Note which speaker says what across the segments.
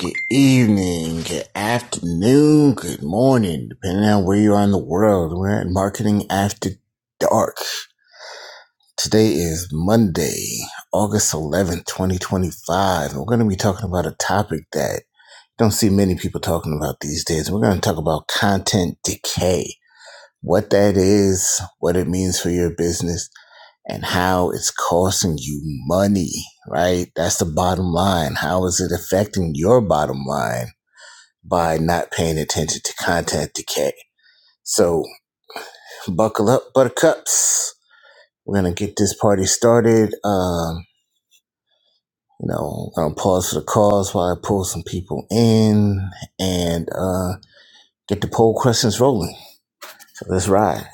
Speaker 1: Good evening, good afternoon, good morning, depending on where you are in the world. We're at Marketing After Dark. Today is Monday, August 11th, 2025. and We're going to be talking about a topic that you don't see many people talking about these days. We're going to talk about content decay, what that is, what it means for your business, and how it's costing you money, right? That's the bottom line. How is it affecting your bottom line? by not paying attention to content decay. So buckle up, buttercups. We're gonna get this party started. Um, you know, I'm gonna pause for the cause while I pull some people in and uh, get the poll questions rolling. So let's ride.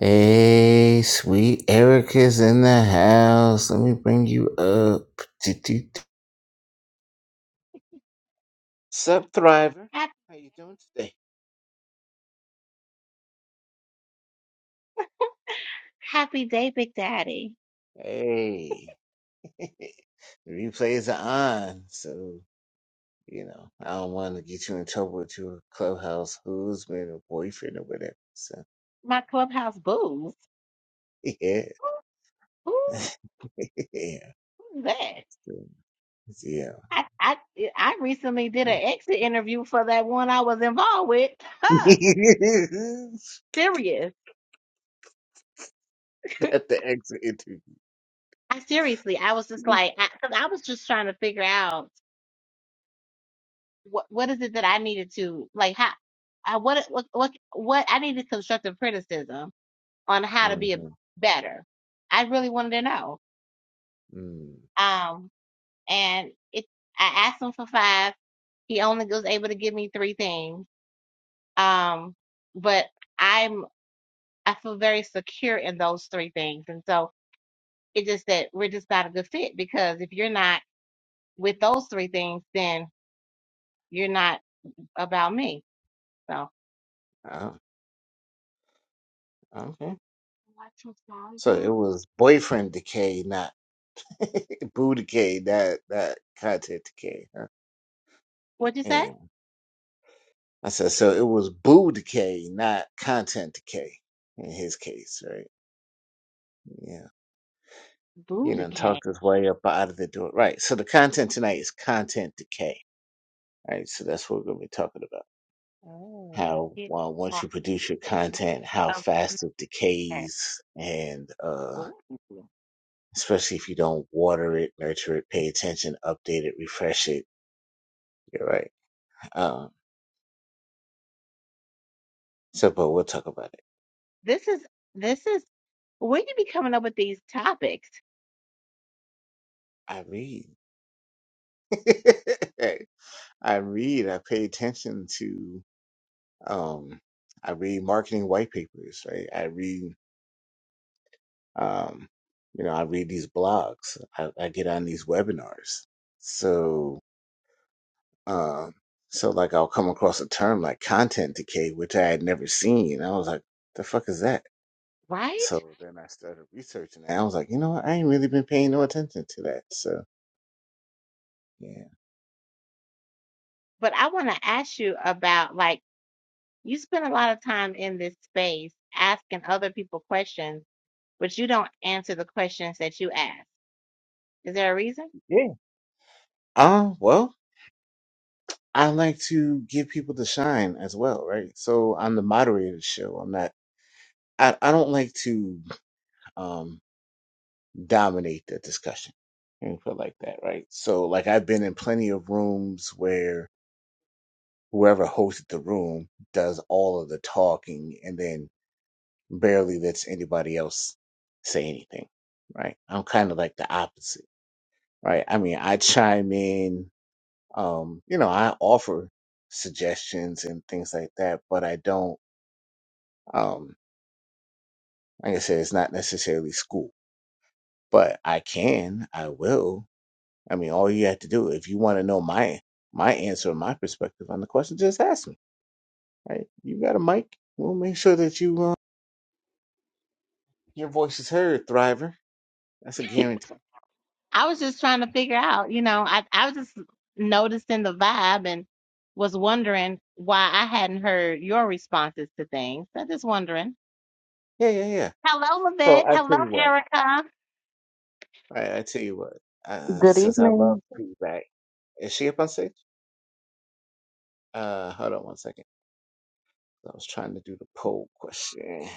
Speaker 1: Hey, sweet Erica's in the house. Let me bring you up. Sup, Thriver.
Speaker 2: Hap-
Speaker 1: How you doing today?
Speaker 2: Happy day, Big Daddy.
Speaker 1: Hey, the replays are on, so You know, I don't want to get you in trouble with your clubhouse husband or boyfriend or whatever. So,
Speaker 2: My clubhouse booze.
Speaker 1: yeah.
Speaker 2: Who, who,
Speaker 1: yeah.
Speaker 2: who's that?
Speaker 1: So, Yeah.
Speaker 2: I, I yeah, I recently did an exit interview for that one I was involved with. Huh? Serious.
Speaker 1: At the exit interview.
Speaker 2: I seriously, I was just like, because I, 'cause I was just trying to figure out what what is it that I needed to like how I what what what, what I needed constructive criticism on how to be a,
Speaker 1: Mm-hmm.
Speaker 2: better. I really wanted to know.
Speaker 1: Mm.
Speaker 2: Um, and it I asked them for five. He only was able to give me three things. Um, but I'm I feel very secure in those three things. And so it's just that we're just not a good fit because if you're not with those three things, then you're not about me. So
Speaker 1: Oh, okay.
Speaker 2: what's your size
Speaker 1: So it
Speaker 2: now?
Speaker 1: was boyfriend decay, not boo decay, not, not content decay. Huh?
Speaker 2: What'd you say?
Speaker 1: Yeah. I said, so it was boo decay, not content decay in his case, right? Yeah. You
Speaker 2: Booty
Speaker 1: know,
Speaker 2: cat.
Speaker 1: talked his way up out of the door, right. So the content tonight is content decay. Right. So that's what we're gonna be talking about.
Speaker 2: Oh, the
Speaker 1: How
Speaker 2: hit
Speaker 1: uh, once
Speaker 2: part
Speaker 1: you produce your content, how
Speaker 2: of
Speaker 1: fast it
Speaker 2: cat.
Speaker 1: decays, and uh,
Speaker 2: Ooh.
Speaker 1: especially if you don't water it, nurture it, pay attention, update it, refresh it. You're right. Um, so, but we'll talk about it.
Speaker 2: This is this is where you be coming up with these topics,
Speaker 1: I read. I read. I pay attention to. Um, I read marketing white papers. Right. I read Um, you know, I read these blogs, I, I get on these webinars. So, um, so like I'll come across a term like content decay, which I had never seen. I was like, the fuck is that?
Speaker 2: right?
Speaker 1: So then I started researching and I was like, you know what? I ain't really been paying no attention to that. So yeah.
Speaker 2: But I want to ask you about like You spend a lot of time in this space asking other people questions, but you don't answer the questions that you ask. Is there a reason?
Speaker 1: Yeah. Uh, well, I like to give people the shine as well, right? So on the moderator show, I'm not, I, I don't like to, um. dominate the discussion and feel like that, right? So like I've been in plenty of rooms where whoever hosted the room does all of the talking and then barely lets anybody else say anything, right? I'm kind of like the opposite, right? I mean, I chime in, um, you know, I offer suggestions and things like that, but I don't, um, like I said, it's not necessarily school, but I can, I will, I mean, all you have to do if you want to know my my answer, my perspective on the question, just ask me. Right? You got a mic. We'll make sure that you uh, your voice is heard, Thriver. That's a guarantee.
Speaker 2: I was just
Speaker 1: Right?
Speaker 2: trying to figure out, you know, I, I was just noticing the vibe and was wondering why I hadn't heard your responses to things. So just wondering.
Speaker 1: Yeah, yeah, yeah.
Speaker 2: Hello,
Speaker 1: So
Speaker 2: Lavette.
Speaker 1: I
Speaker 2: Hello,
Speaker 1: tell you what.
Speaker 2: Erica.
Speaker 1: Right? I tell you what. Uh,
Speaker 3: Good
Speaker 1: since I love
Speaker 3: evening.
Speaker 1: feedback, is she up on stage? Uh, hold on one second. I was trying to do the poll question.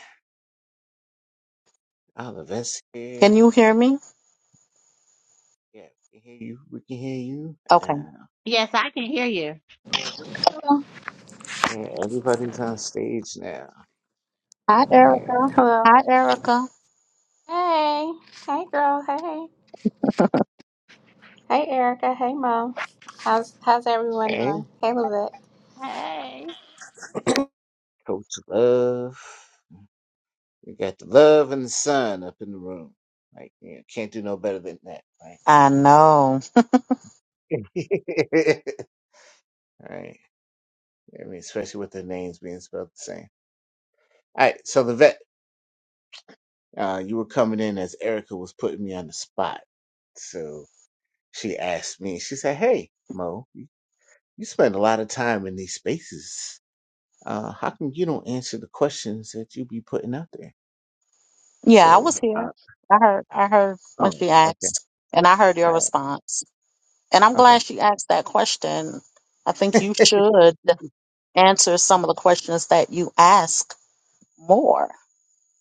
Speaker 1: Oh, the vets here.
Speaker 3: Can you hear me?
Speaker 1: Yeah, we can hear you. We can hear you.
Speaker 3: Okay.
Speaker 1: Uh,
Speaker 2: Yes, I can hear you.
Speaker 1: yeah, everybody's on stage now.
Speaker 3: Hi,
Speaker 1: Yeah.
Speaker 3: Erica.
Speaker 4: Hello.
Speaker 3: Hi, Erica.
Speaker 4: Hey. Hey, girl. Hey. Hey, Erica. Hey, Mom. How's How's everyone Hey.
Speaker 1: Hey.
Speaker 4: doing? Hey, Lizette.
Speaker 2: Hey.
Speaker 1: Coach Love. We got the love and the sun up in the room. Like, you know, can't do no better than that, right?
Speaker 3: I know.
Speaker 1: All right. I mean, especially with their names being spelled the same. All right. So the vet, uh, you were coming in as Erica was putting me on the spot. So she asked me, she said, Hey, Mo, you you spend a lot of time in these spaces. Uh, how come you don't answer the questions that you be putting out there?
Speaker 3: Yeah, I
Speaker 1: So,
Speaker 3: was here.
Speaker 1: uh,
Speaker 3: I heard. I heard when
Speaker 1: oh,
Speaker 3: she
Speaker 1: okay.
Speaker 3: asked, and I heard
Speaker 1: All
Speaker 3: your
Speaker 1: right.
Speaker 3: response. And I'm
Speaker 1: Okay.
Speaker 3: glad she asked that question. I think you should answer some of the questions that you ask more.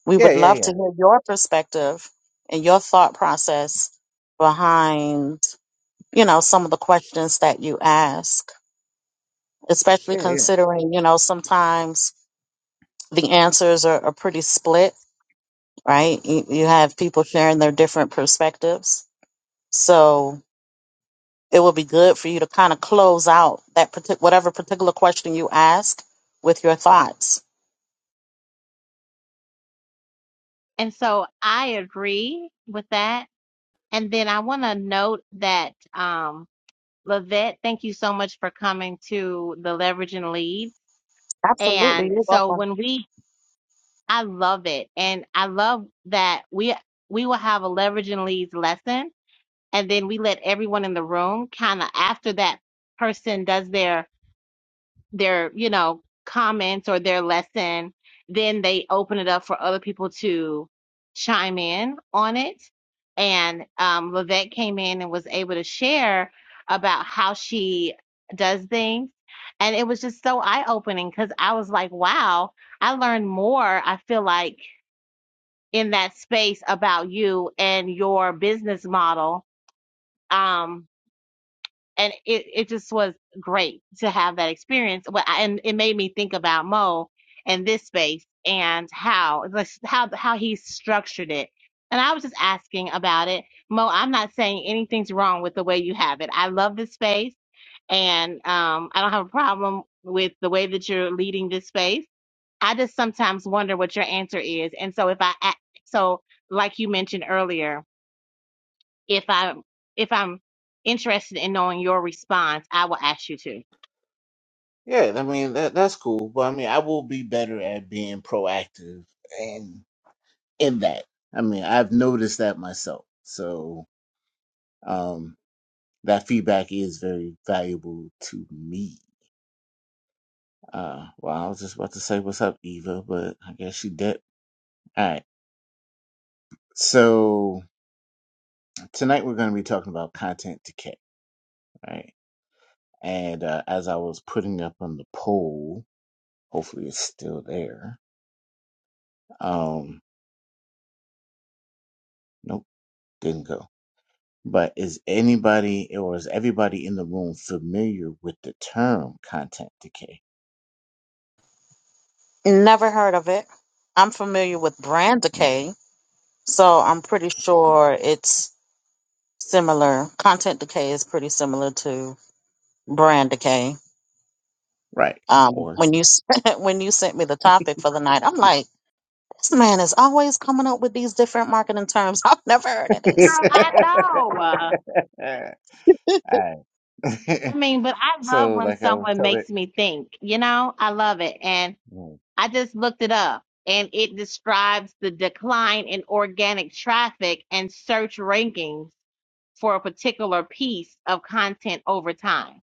Speaker 3: We
Speaker 1: Yeah,
Speaker 3: would
Speaker 1: yeah,
Speaker 3: love
Speaker 1: yeah.
Speaker 3: to hear your perspective and your thought process behind, you know, some of the questions that you ask, especially
Speaker 1: Yeah,
Speaker 3: considering, you know, sometimes the answers are, are pretty split, right? You, you have people sharing their different perspectives. So it would be good for you to kind of close out that partic- whatever particular question you ask with your thoughts.
Speaker 2: And so I agree with that. And then I want to note that um, Lavette, thank you so much for coming to the Leverage and Lead.
Speaker 3: Absolutely.
Speaker 2: And
Speaker 3: You're
Speaker 2: so
Speaker 3: welcome.
Speaker 2: when we, I love it, and I love that we we will have a Leverage and Leads lesson, and then we let everyone in the room kind of after that person does their their you know comments or their lesson then they open it up for other people to chime in on it and um Levette came in and was able to share about how she does things and it was just so eye-opening because I was like wow I learned more I feel like in that space about you and your business model Um, and it, it just was great to have that experience. But I- and it made me think about Mo and this space and how like how how he structured it. And I was just asking about it, Mo. I'm not saying anything's wrong with the way you have it. I love this space, and um, I don't have a problem with the way that you're leading this space. I just sometimes wonder what your answer is, and so if I a- so like you mentioned earlier if I'm if I'm interested in knowing your response, I will ask you to.
Speaker 1: Yeah, I mean that that's cool, but I mean I will be better at being proactive and in that. I mean I've noticed that myself, so um, that feedback is very valuable to me. Uh, well, I was just about to say what's up, Eva, but I guess she did. All right, so tonight we're going to be talking about content decay, right? And uh, as I was putting up on the poll, hopefully it's still there. Um, nope, didn't go. But is anybody or is everybody in the room familiar with the term content decay?
Speaker 3: Never heard of it. I'm familiar with brand decay, so I'm pretty sure it's similar. Content decay is pretty similar to brand decay.
Speaker 1: Right.
Speaker 3: Um,
Speaker 1: Or
Speaker 3: when you when you sent me the topic for the night, I'm like, This man is always coming up with these different marketing terms. I've never heard of
Speaker 2: No,
Speaker 3: this.
Speaker 2: I know. Uh,
Speaker 1: Alright.
Speaker 2: I mean, but I love
Speaker 1: so
Speaker 2: when
Speaker 1: like I was
Speaker 2: someone
Speaker 1: telling
Speaker 2: makes me think. You know, I love it, and
Speaker 1: Mm.
Speaker 2: I just looked it up, and it describes the decline in organic traffic and search rankings for a particular piece of content over time.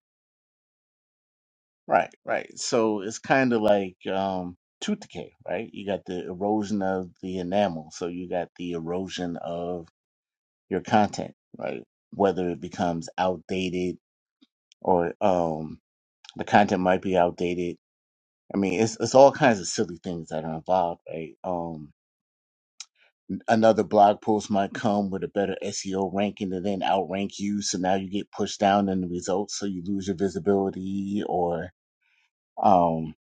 Speaker 1: right, right. So it's kinda like um tooth decay, right? You got the erosion of the enamel, so you got the erosion of your content, right? Whether it becomes outdated or um the content might be outdated I mean, it's it's all kinds of silly things that are involved, right? Um, another blog post might come with a better SEO ranking and then outrank you, so now you get pushed down in the results, so you lose your visibility, or um,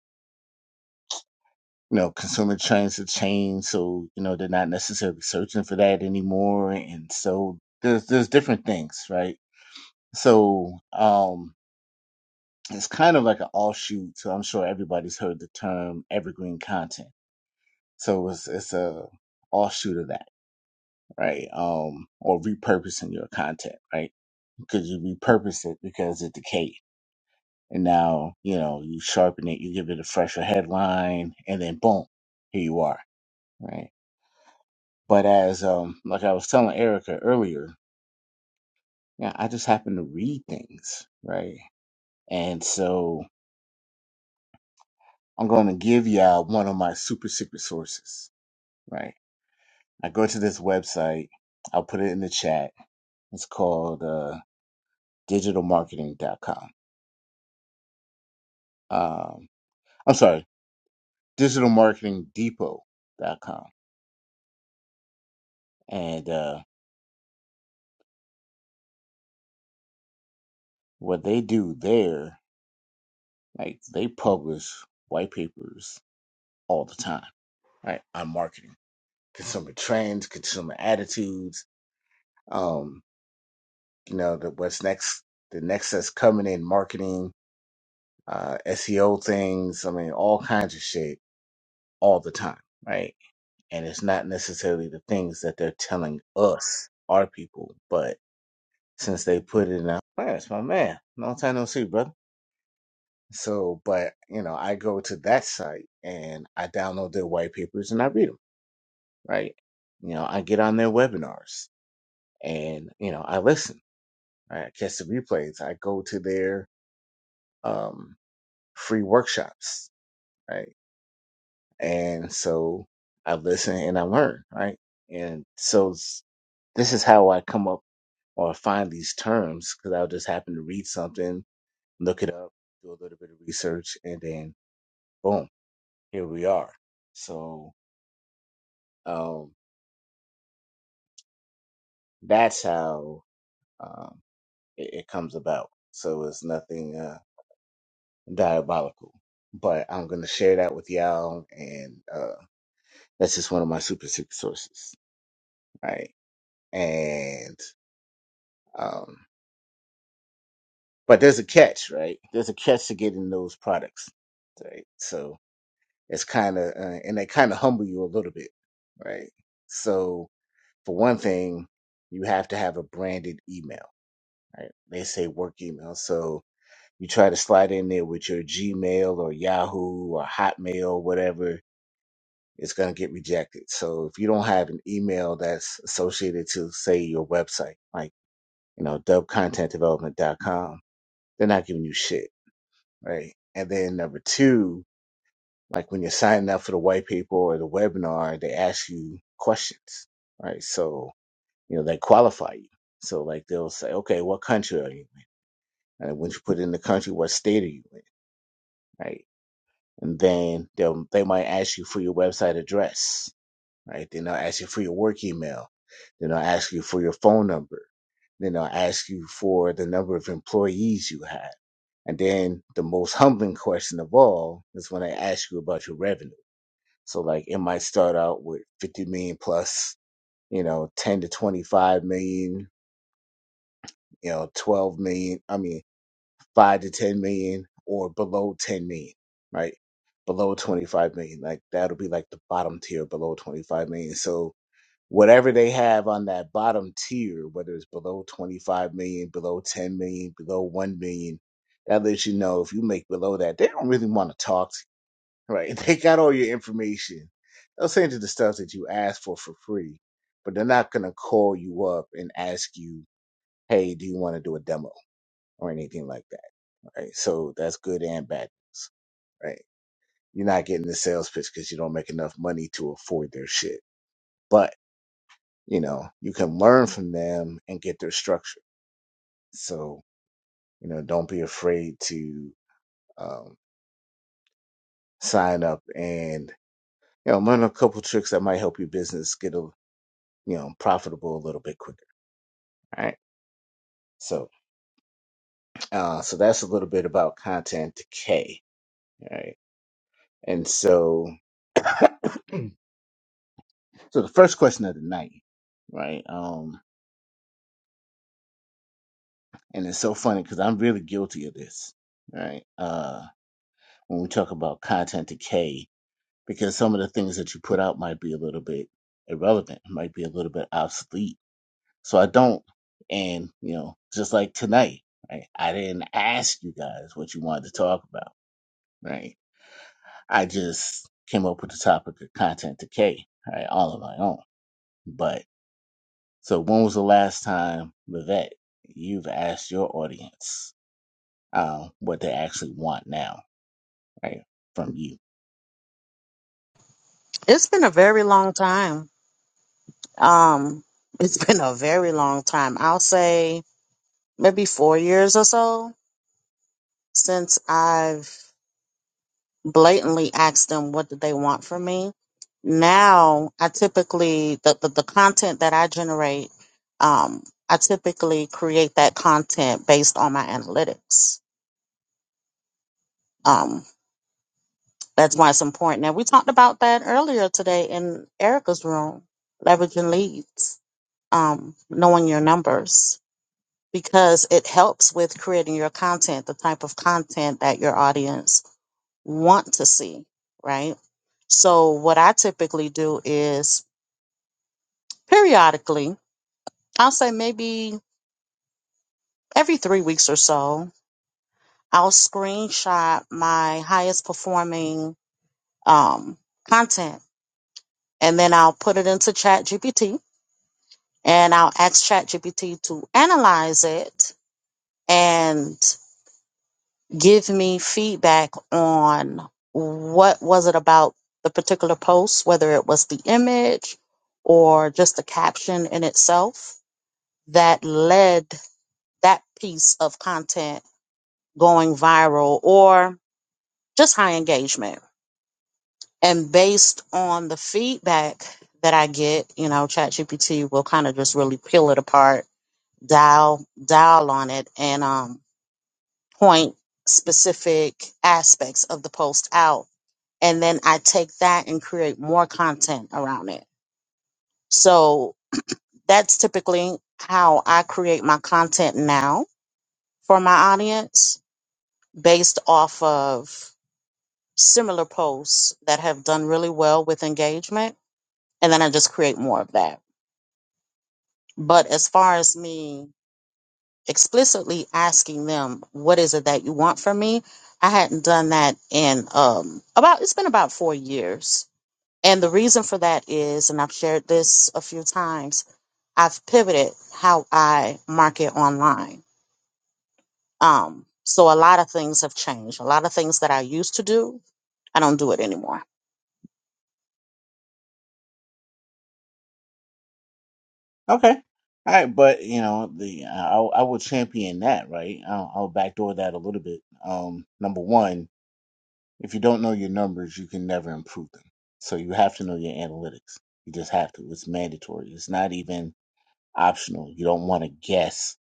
Speaker 1: you know, consumer trends have changed, so you know they're not necessarily searching for that anymore, and so there's there's different things, right? So um, it's kind of like an offshoot. So I'm sure everybody's heard the term evergreen content. So it's it's a offshoot of that right? Um, or repurposing your content, right? Because you repurpose it because it decayed. And now, you know, you sharpen it, you give it a fresher headline, and then boom, here you are, right? But as, um, like I was telling Erica earlier, yeah, I just happen to read things, right? And so I'm going to give y'all one of my super secret sources, right? I go to this website, I'll put it in the chat. It's called, uh, digitalmarketing.com. Um, I'm sorry. digitalmarketingdepot.com. And uh, what they do there, like they publish white papers all the time, right? On marketing, consumer trends, consumer attitudes, um, you know, the, what's next, the next that's coming in marketing, uh, SEO things, I mean, all kinds of shit all the time, right? And it's not necessarily the things that they're telling us, our people, but since they put it in our, man, it's my man. Long time no see, brother. So, but you know, I go to that site and I download their white papers and I read them, right? You know, I get on their webinars and you know, I listen, right? I catch the replays. I go to their um free workshops, right? And so I listen and I learn, right? And so s- this is how I come up or find these terms because I'll just happen to read something, look it up, do a little bit of research, and then boom, here we are. So Um, that's how um, it, it comes about. So it's nothing uh, diabolical. But I'm going to share that with y'all. And uh, that's just one of my super secret sources. Right. And, um, but there's a catch, right? There's a catch to getting those products. Right. So it's kind of, uh, and they kind of humble you a little bit. Right. So for one thing, you have to have a branded email. Right. They say work email. So You try to slide in there with your Gmail or Yahoo or Hotmail, whatever, it's going to get rejected. So if you don't have an email that's associated to, say, your website, like, you know, dubcontentdevelopment.com, they're not giving you shit, right? And then number two, like when you're signing up for the white paper or the webinar, they ask you questions, right? So, you know, they qualify you. So like they'll say, okay, what country are you in? And once you put in the country, what state are you in? Right and then they'll they might ask you for your website address, right? Then they'll ask you for your work email, then they'll ask you for your phone number, then they'll ask you for the number of employees you have, and then the most humbling question of all is when they ask you about your revenue. So like it might start out with fifty million plus, you know, ten to twenty five million, you know, twelve million. I mean five to 10 million or below 10 million, right? Below 25 million. Like that'll be like the bottom tier below 25 million. So whatever they have on that bottom tier, whether it's below 25 million, below 10 million, below 1 million, that lets you know if you make below that, they don't really want to talk to you, right? They got all your information. They'll send you the stuff that you asked for for free, but they're not going to call you up and ask you, hey, do you want to do a demo or anything like that? right? So that's good and bad news, right? You're not getting the sales pitch because you don't make enough money to afford their shit. But, you know, you can learn from them and get their structure. So, you know, don't be afraid to um, sign up and, you know, learn a couple tricks that might help your business get a, you know, profitable a little bit quicker, right? So, uh, so that's a little bit about content decay, right? And so, so the first question of the night, right? Um, and it's so funny because I'm really guilty of this, right? Uh, when we talk about content decay, because some of the things that you put out might be a little bit irrelevant, might be a little bit obsolete. So I don't, and you know, just like tonight, right? I didn't ask you guys what you wanted to talk about, right? I just came up with the topic of content decay, right, all on my own. But so when was the last time, Vivette, you've asked your audience um, what they actually want now? right, from you.
Speaker 3: It's been a very long time. Um, it's been a very long time. I'll say maybe four years or so since I've blatantly asked them what do they want from me. Now I typically the, the, the content that I generate, um, I typically create that content based on my analytics. Um, That's why it's important. And we talked about that earlier today in Erica's room, leveraging leads, um, knowing your numbers, because it helps with creating your content, the type of content that your audience want to see, right? So what I typically do is periodically, I'll say maybe every three weeks or so, I'll screenshot my highest performing um, content and then I'll put it into Chat GPT and I'll ask ChatGPT to analyze it and give me feedback on what was it about the particular post, whether it was the image or just the caption in itself that led that piece of content going viral or just high engagement. And based on the feedback that I get, you know, ChatGPT will kind of just really peel it apart dial dial on it and um point specific aspects of the post out and then I take that and create more content around it. So that's typically how I create my content now for my audience based off of similar posts that have done really well with engagement and then I just create more of that. But as far as me explicitly asking them what is it that you want from me i hadn't done that in um about it's been about four years and the reason for that is and i've shared this a few times i've pivoted how i market online um so a lot of things have changed a lot of things that i used to do i don't do it anymore
Speaker 1: Okay. All right, but you know the I, I will champion that, right? I'll, I'll backdoor that a little bit. Um, number one, if you don't know your numbers, you can never improve them. So you have to know your analytics. You just have to. It's mandatory. It's not even optional. You don't want to guess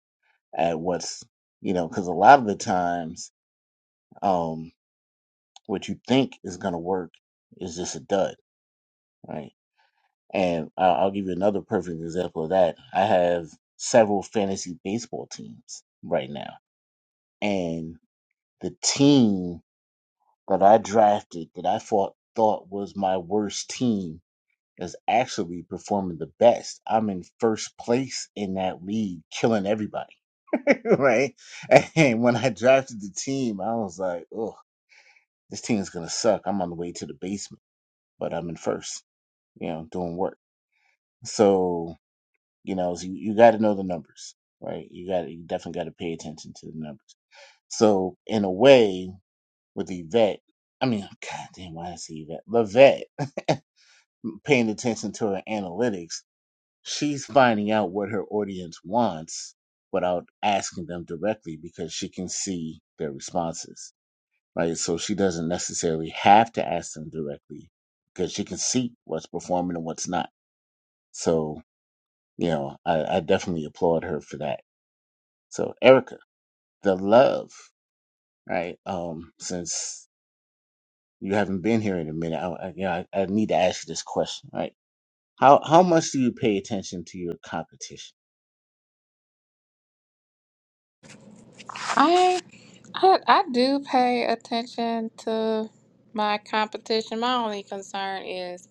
Speaker 1: at what's you know because a lot of the times, um, what you think is going to work is just a dud, right? And I- I'll give you another perfect example of that. I have several fantasy baseball teams right now. And the team that I drafted that I thought, thought was my worst team is actually performing the best. I'm in first place in that league, killing everybody, right? And when I drafted the team, I was like, oh, this team is going to suck. I'm on the way to the basement, but I'm in first, you know, doing work. So You know, so you, you got to know the numbers, right? You got you definitely got to pay attention to the numbers. So in a way, with Yvette, I mean, God damn, why did I say Yvette? Lavette paying attention to her analytics, she's finding out what her audience wants without asking them directly because she can see their responses, right? So she doesn't necessarily have to ask them directly because she can see what's performing and what's not. So, you know, I, I definitely applaud her for that So, Erica, the love, right? Um, since you haven't been here in a minute, I, I, you know, I, I need to ask you this question, right? How how much do you pay attention to your competition?
Speaker 4: I, I I do pay attention to my competition. My only concern is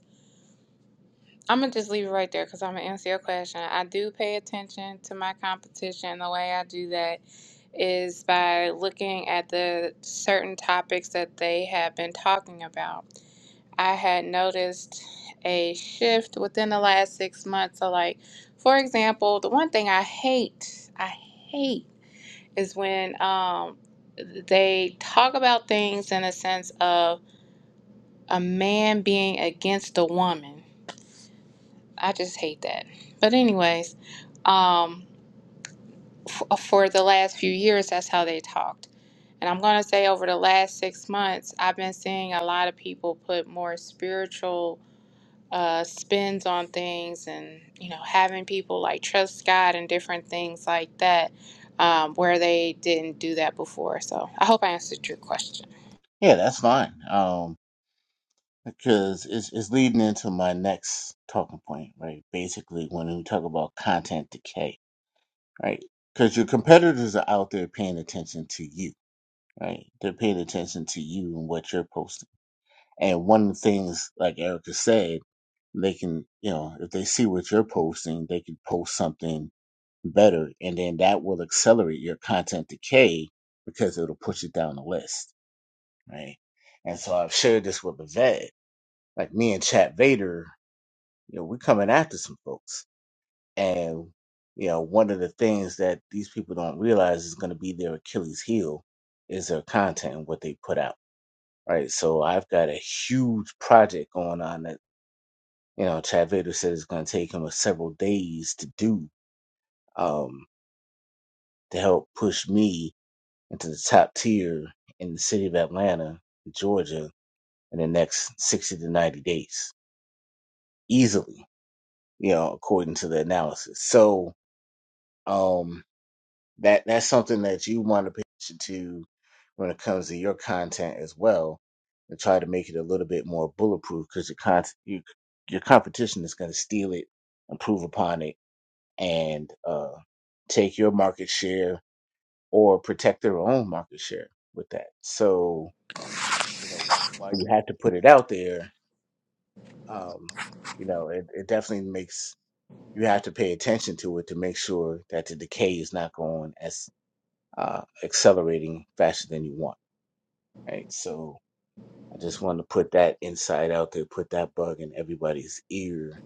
Speaker 4: I'm gonna just leave it right there because I'm gonna answer your question. I do pay attention to my competition. The way I do that is by looking at the certain topics that they have been talking about. I had noticed a shift within the last six months. So, like, for example, the one thing I hate, I hate is when um, they talk about things in a sense of a man being against a woman. I just hate that. But, anyways, um, f- uh, for the last few years, that's how they talked. And I'm going to say over the last six months, I've been seeing a lot of people put more spiritual uh, spends on things and you know having people like trust God and different things like that um, where they didn't do that before. So I hope I answered your question.
Speaker 1: Yeah, that's fine. Um, because it's it's leading into my next talking point, right? Basically, when we talk about content decay, right? Because your competitors are out there paying attention to you, right? They're paying attention to you and what you're posting. And one of the things, like Erica said they can, you know, if they see what you're posting, they can post something better. And then that will accelerate your content decay because it'll push it down the list. Right. And so I've shared this with Bavette. Like me and Chat Vader, you know, we're coming after some folks. And, you know, one of the things that these people don't realize is going to be their Achilles heel is their content and what they put out. Right. So I've got a huge project going on You know, Chad Vader said it's going to take him several days to do um, to help push me into the top tier in the city of Atlanta, Georgia, in the next 60 to 90 days easily, you know, according to the analysis. So um, that that's something that you want to pay attention to when it comes to your content as well and try to make it a little bit more bulletproof because your, con- your, your competition is going to steal it improve upon it and uh, take your market share or protect their own market share with that. So, you know, while you have to put it out there, um, you know, it, it definitely makes you have to pay attention to it to make sure that the decay is not going as uh, accelerating faster than you want. Right. So I just wanted to put that insight out there, put that bug in everybody's ear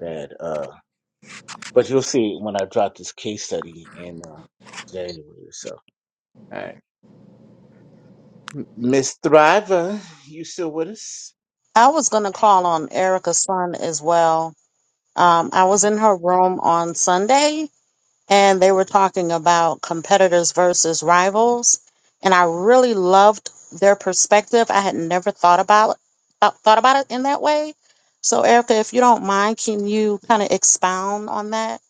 Speaker 1: that, uh, but you'll see when I drop this case study in uh, January. or So, all right. M- Miss Thriver, you still with us?
Speaker 3: i was going to call on erica's son as well Um, I was
Speaker 1: Okay.
Speaker 3: in her room on Sunday and they were talking about competitors versus rivals. And I really loved their perspective. I had never thought about thought thought about it in that way. So, Erica, if you don't mind, can you kind of expound on that?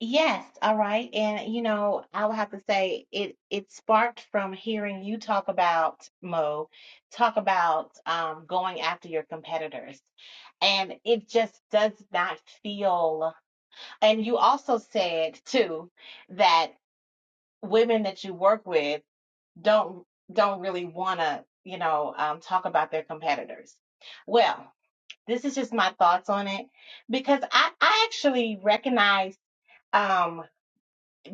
Speaker 2: Yes, all right. And you know, I would have to say it it sparked from hearing you talk about Mo, talk about um going after your competitors. And it just does not feel and you also said too that women that you work with don't don't really want to, you know, um talk about their competitors. Well, this is just my thoughts on it because I I actually recognize um,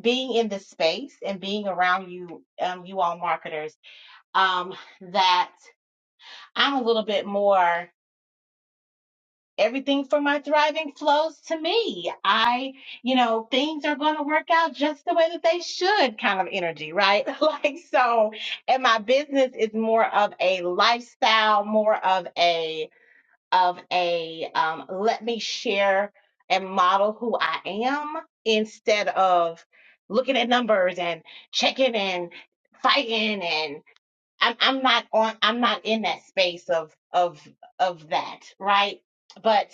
Speaker 2: being in this space and being around you, um, you all marketers, um, that I'm a little bit more everything for my thriving flows to me. I, you know, things are going to work out just the way that they should kind of energy, right? like, so, and my business is more of a lifestyle, more of a, of a um, let me share and model who I am instead of looking at numbers and checking and fighting and I'm I'm not on I'm not in that space of of of that right but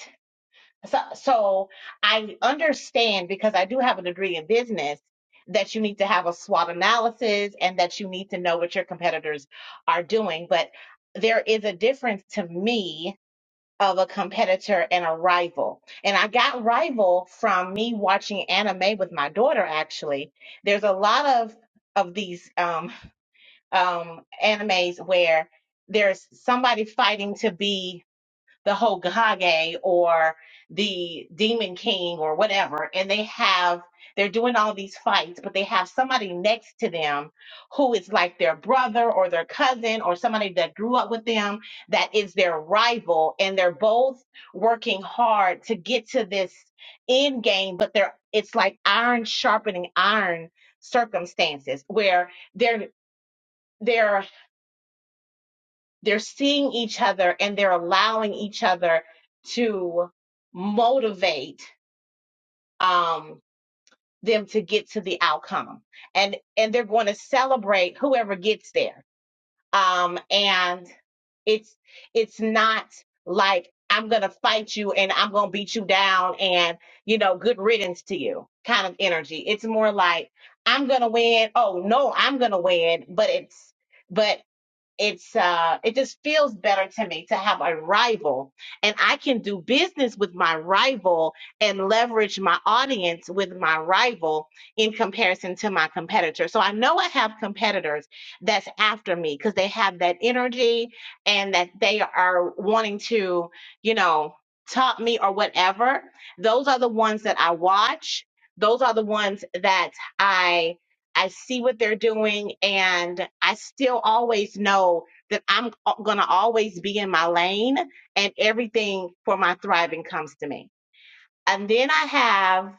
Speaker 2: so so I understand because I do have a degree in business that you need to have a SWOT analysis and that you need to know what your competitors are doing but there is a difference to me of a competitor and a rival. And I got rival from me watching anime with my daughter, actually. There's a lot of of these um um animes where there's somebody fighting to be the Hokage or the Demon King or whatever, and they have they're doing all these fights, but they have somebody next to them who is like their brother or their cousin or somebody that grew up with them that is their rival, and they're both working hard to get to this end game, but they're it's like iron sharpening iron circumstances where they're they're they're seeing each other and they're allowing each other to motivate um, them to get to the outcome. And and they're going to celebrate whoever gets there. Um, and it's it's not like I'm gonna fight you and I'm gonna beat you down and you know good riddance to you kind of energy. It's more like I'm gonna win. Oh no, I'm gonna win. But it's but it's uh it just feels better to me to have a rival and i can do business with my rival and leverage my audience with my rival in comparison to my competitor so i know i have competitors that's after me because they have that energy and that they are wanting to you know top me or whatever those are the ones that i watch those are the ones that I. I see what they're doing, and I still always know that I'm going to always be in my lane and everything for my thriving comes to me. And then I have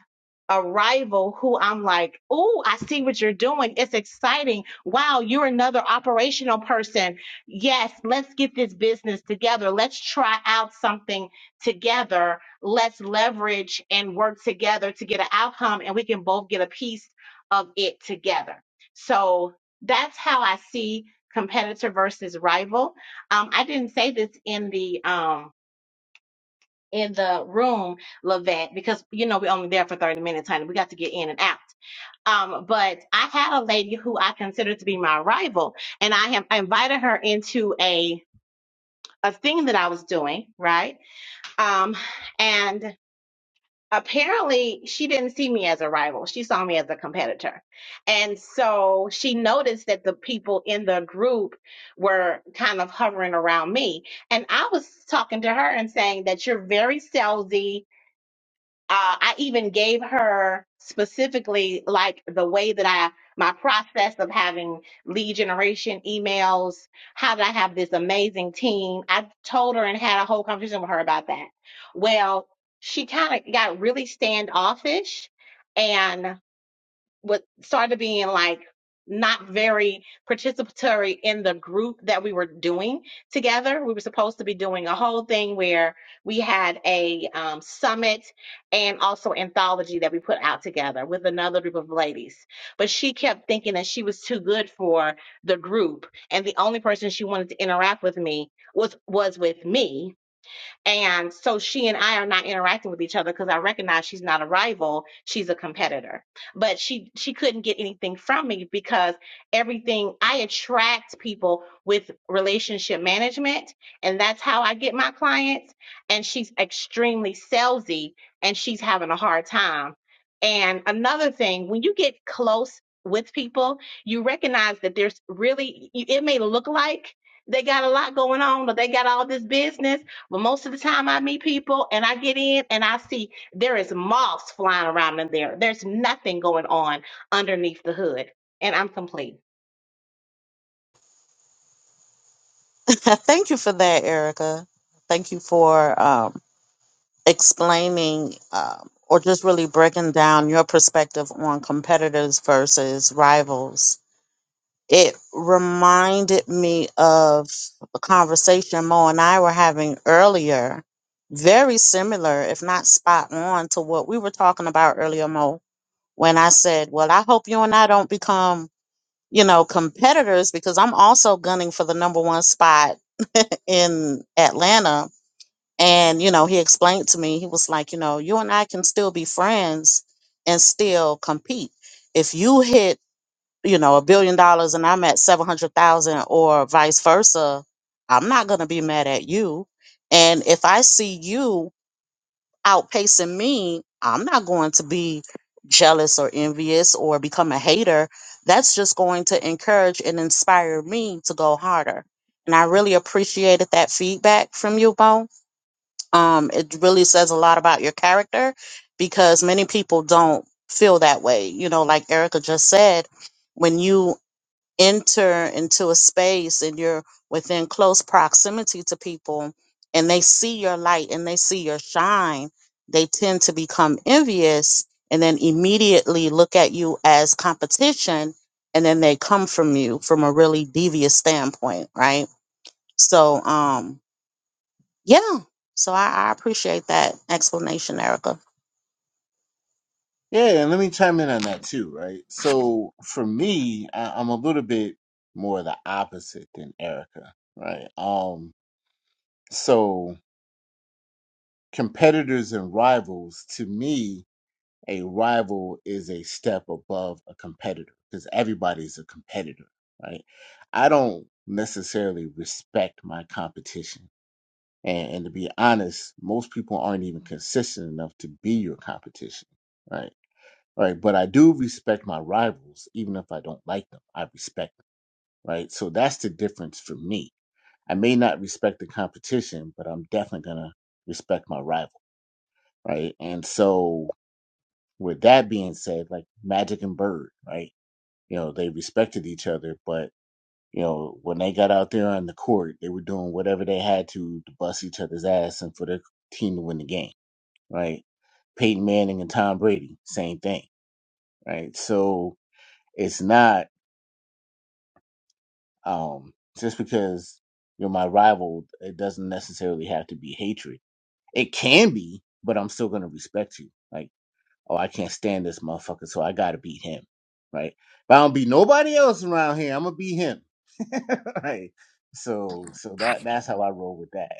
Speaker 2: a rival who I'm like, oh, I see what you're doing. It's exciting. Wow, you're another operational person. Yes, let's get this business together. Let's try out something together. Let's leverage and work together to get an outcome, and we can both get a piece of it together. So that's how I see competitor versus rival. Um, I didn't say this in the um, in the room, Lavette, because you know we're only there for 30 minutes, honey. We got to get in and out. Um, but I had a lady who I considered to be my rival, and I have I invited her into a a thing that I was doing, right? Um, and apparently she didn't see me as a rival. She saw me as a competitor. And so she noticed that the people in the group were kind of hovering around me. And I was talking to her and saying that you're very salesy uh, I even gave her specifically like the way that I my process of having lead generation emails. How did I have this amazing team? I told her and had a whole conversation with her about that. Well, she kind of got really standoffish, and was started being like not very participatory in the group that we were doing together. We were supposed to be doing a whole thing where we had a um, summit and also anthology that we put out together with another group of ladies. But she kept thinking that she was too good for the group, and the only person she wanted to interact with me was was with me and so she and I are not interacting with each other because I recognize she's not a rival, she's a competitor. But she she couldn't get anything from me because everything I attract people with relationship management, and that's how I get my clients. And she's extremely salesy and she's having a hard time. And another thing, when you get close with people, you recognize that there's really it may look like they got a lot going on or they got all this business but most of the time, I meet people and I get in and I see there is moss flying around in there. There's nothing going on underneath the hood, and I'm complete.
Speaker 3: Thank you for that, Erica. Thank you for um, explaining um, or just really breaking down your perspective on competitors versus rivals. it reminded me of a conversation Mo and I were having earlier, very similar, if not spot on, to what we were talking about earlier, Mo, when I said, Well, I hope you and I don't become, you know, competitors because I'm also gunning for the number one spot in Atlanta. And, you know, he explained to me, he was like, You know, you and I can still be friends and still compete. If you hit you know a billion dollars and i'm at 700,000 or vice versa i'm not going to be mad at you and if i see you outpacing me i'm not going to be jealous or envious or become a hater that's just going to encourage and inspire me to go harder and i really appreciated that feedback from you bo um it really says a lot about your character because many people don't feel that way you know like erica just said when you enter into a space and you're within close proximity to people and they see your light and they see your shine, they tend to become envious and then immediately look at you as competition and then they come from you from a really devious standpoint, right? So um yeah. So I, I appreciate that explanation, Erica.
Speaker 1: Yeah, and let me chime in on that too, right? So for me, I, I'm a little bit more the opposite than Erica, right? Um, so competitors and rivals, to me, a rival is a step above a competitor because everybody's a competitor, right? I don't necessarily respect my competition And, and to be honest, most people aren't even consistent enough to be your competition, right? Right. But I do respect my rivals, even if I don't like them. I respect them, right? So that's the difference for me. I may not respect the competition, but I'm definitely gonna respect my rival, right? And so, with that being said, like Magic and Bird, right? You know, they respected each other, but you know, when they got out there on the court, they were doing whatever they had to to bust each other's ass and for their team to win the game right? Peyton Manning and Tom Brady, same thing, right? So it's not um, just because you're my rival, it doesn't necessarily have to be hatred. It can be, but I'm still gonna respect you. Like, oh, I can't stand this motherfucker, so I gotta beat him, right? But I don't beat nobody else around here. I'm gonna beat him, right? So, so that that's how I roll with that,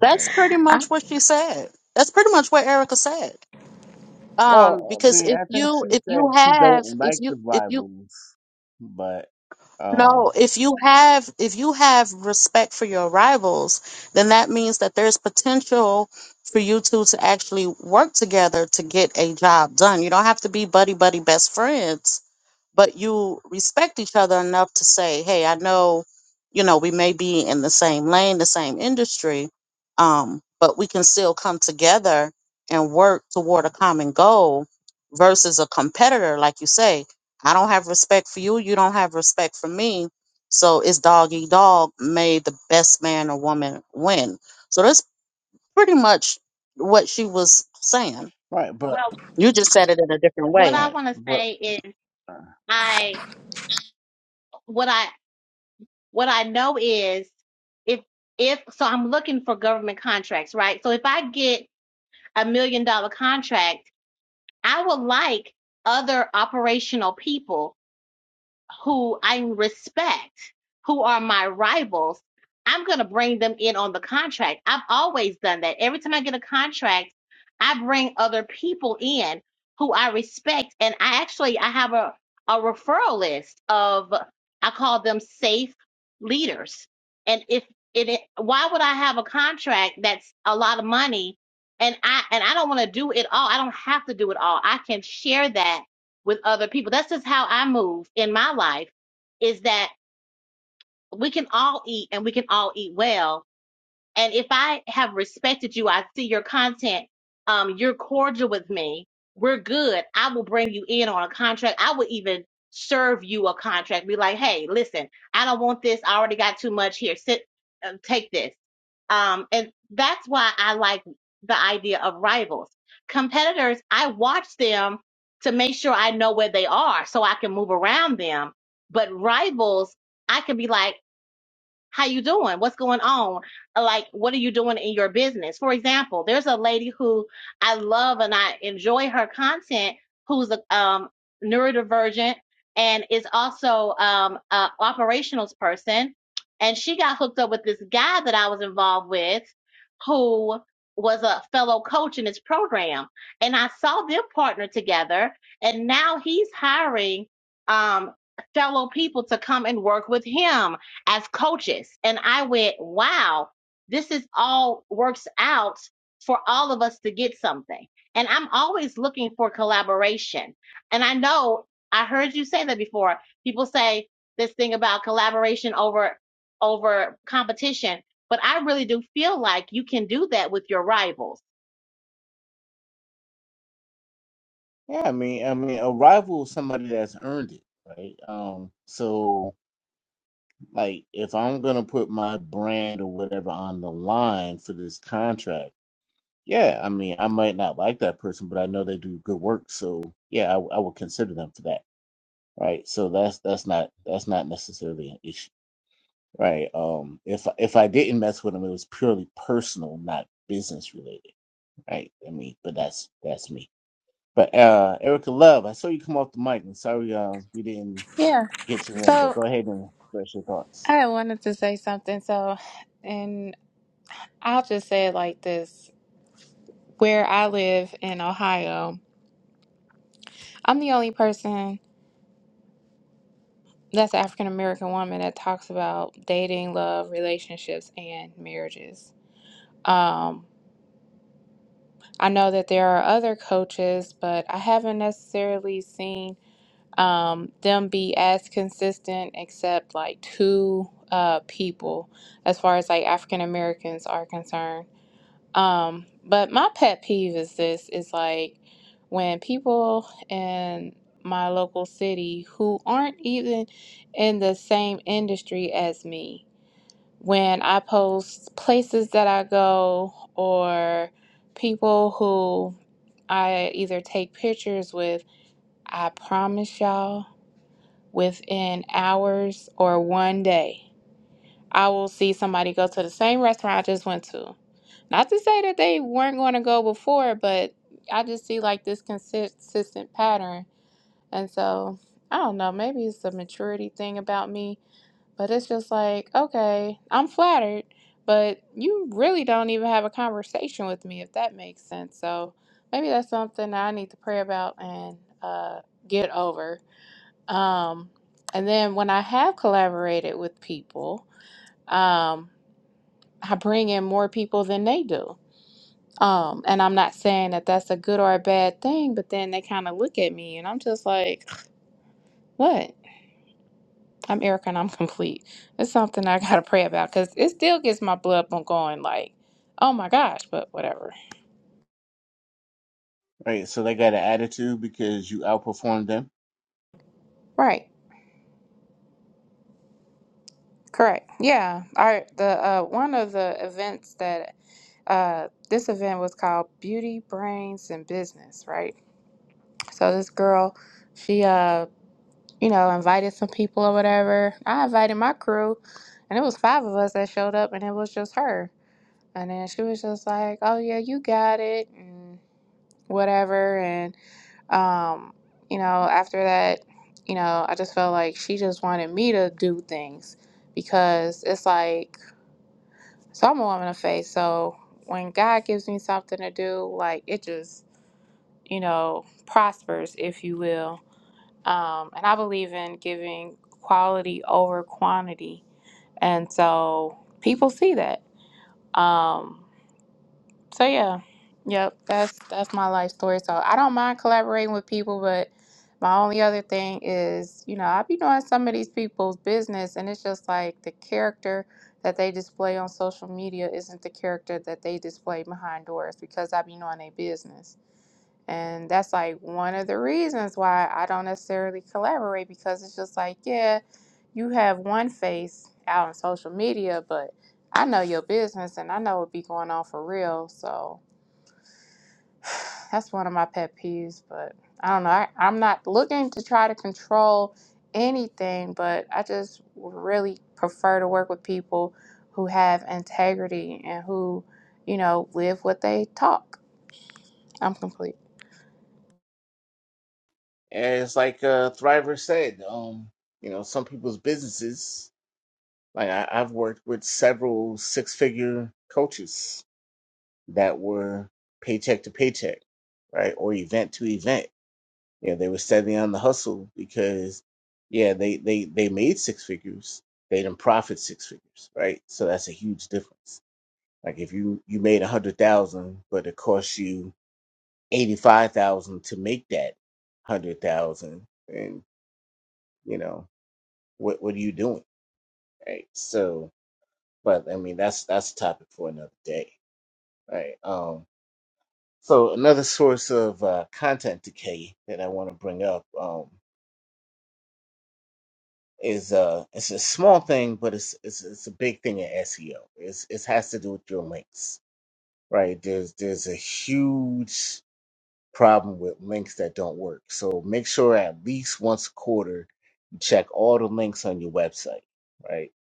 Speaker 3: That's
Speaker 1: right?
Speaker 3: pretty
Speaker 4: I,
Speaker 3: much what she said. That's pretty much what Erica said um
Speaker 1: Well, I
Speaker 3: because
Speaker 1: mean,
Speaker 3: if
Speaker 1: I think
Speaker 3: you
Speaker 1: she
Speaker 3: if
Speaker 1: said
Speaker 3: you
Speaker 1: she
Speaker 3: have
Speaker 1: don't
Speaker 3: if
Speaker 1: like the
Speaker 3: you if you
Speaker 1: rivals, but um,
Speaker 3: No, if you have if you have respect for your rivals, then that means that there's potential for you two to actually work together to get a job done. You don't have to be buddy buddy best friends but you respect each other enough to say, "Hey, I know, you know, we may be in the same lane, the same industry, um, but we can still come together and work toward a common goal." Versus a competitor, like you say, I don't have respect for you, you don't have respect for me, so it's dog eat dog. May the best man or woman win. So that's pretty much what she was saying.
Speaker 1: right, but
Speaker 2: Well,
Speaker 3: You just said it in a different
Speaker 2: what
Speaker 3: way.
Speaker 2: I
Speaker 1: right,
Speaker 2: want to
Speaker 1: but
Speaker 2: say is
Speaker 1: uh,
Speaker 2: I what I what I know is if if so I'm looking for government contracts, right? So if I get a million dollar contract, I would like other operational people who I respect, who are my rivals, I'm going to bring them in on the contract. I've always done that. Every time I get a contract, I bring other people in who I respect. And I actually, I have a, a referral list of, I call them safe leaders. And if it, it- why would I have a contract that's a lot of money and I, and I don't want to do it all. I don't have to do it all. I can share that with other people. That's just how I move in my life is that we can all eat and we can all eat well. And if I have respected you, I see your content, um, you're cordial with me, we're good. I will bring you in on a contract. I will even serve you a contract. Be like, hey, listen, I don't want this. I already got too much here. Sit, uh, take this. Um, and that's why I like the idea of rivals. Competitors, I watch them to make sure I know where they are so I can move around them. But rivals, I can be like, how you doing what's going on Uh, like what are you doing in your business for example there's a lady who i love and i enjoy her content who's a um, neurodivergent and is also um, a operationals person and she got hooked up with this guy that i was involved with who was a fellow coach in his program and i saw them partner together and now he's hiring um, fellow people to come and work with him as coaches. And I went, wow, this is all works out for all of us to get something. And I'm always looking for collaboration. And I know I heard you say that before. People say this thing about collaboration over over competition, but I really do feel like you can do that with your rivals.
Speaker 1: yeah, I mean, I mean, a rival is somebody that's earned it, right? Um, so like, if I'm gonna put my brand or whatever on the line for this contract, yeah, I mean, I might not like that person, but I know they do good work, so yeah, I, I would consider them for that, right? So that's that's not that's not necessarily an issue. right? Um, if if I didn't mess with him, it was purely personal, not business related, right? I mean, but that's that's me. But uh, Erica Love, I saw you come off the mic, and sorry uh, we didn't
Speaker 4: yeah.
Speaker 1: get you in, but
Speaker 4: So
Speaker 1: go ahead and express your thoughts.
Speaker 4: I wanted to say something. So, and I'll just say it like this: where I live in Ohio, I'm the only person that's African American woman that talks about dating, love, relationships, and marriages. Um, I know that there are other coaches, but I haven't necessarily seen um, them be as consistent, except like two uh, people, as far as like African Americans are concerned. Um, but my pet peeve is this: is like when people in my local city who aren't even in the same industry as me, when I post places that I go or people who I either take pictures with, I promise y'all, within hours or one day, I will see somebody go to the same restaurant I just went to. Not to say that they weren't going to go before, but I just see like this consistent pattern. And so I don't know, maybe it's a maturity thing about me but it's just like, okay, I'm flattered, but you really don't even have a conversation with me, if that makes sense. So maybe that's something that I need to pray about and uh, get over. Um, and then when I have collaborated with people, um, I bring in more people than they do. Um, and I'm not saying that that's a good or a bad thing, but then they kind of look at me and I'm just like, what? I'm Erica and I'm complete. It's something I gotta pray about because it still gets my blood pump going. Like, oh my gosh, but whatever.
Speaker 1: Right, so they got an attitude because you outperformed them.
Speaker 4: Right. Correct. Yeah. I the uh, one of the events that uh, this event was called Beauty, Brains, and Business. Right. So this girl, she uh, you know, invited some people or whatever. I invited my crew, and it was five of us that showed up, and it was just her. And then she was just like, "Oh yeah, you got it," and whatever, and. Um, you know, after that, you know, I just felt like she just wanted me to do things because it's like, so I'm a woman of faith. So when God gives me something to do, like it just, you know, prospers, if you will. Um, and I believe in giving quality over quantity. And so people see that. Um, So yeah, yep, that's that's my life story. So I don't mind collaborating with people, but my only other thing is, you know, I be knowing some of these people's business, and it's just like the character that they display on social media isn't the character that they display behind doors because I be knowing their business. And that's like one of the reasons why I don't necessarily collaborate because it's just like, yeah, you have one face out on social media, but I know your business and I know what be going on for real. So that's one of my pet peeves. But I don't know. I, I'm not looking to try to control anything, but I just would really prefer to work with people who have integrity and who, you know, live what they talk. I'm complete.
Speaker 1: As like uh, Thriver said, um, you know, some people's businesses. Like I, I've worked with several six-figure coaches that were paycheck to paycheck, right, or event to event Yeah, they were steady on the hustle because, yeah, they they they made six figures. They didn't profit six figures, right? So that's a huge difference. Like if you you made a hundred thousand, but it cost you eighty five thousand to make that hundred thousand, and you know what what are you doing, right? So, but I mean that's that's a topic for another day, right? Um, so another source of uh, content decay that I want to bring up. Um, is uh it's a small thing, but it's it's it's a big thing in SEO. It's it has to do with your links, right? There's there's a huge problem with links that don't work. So make sure at least once a quarter you check all the links on your website, right?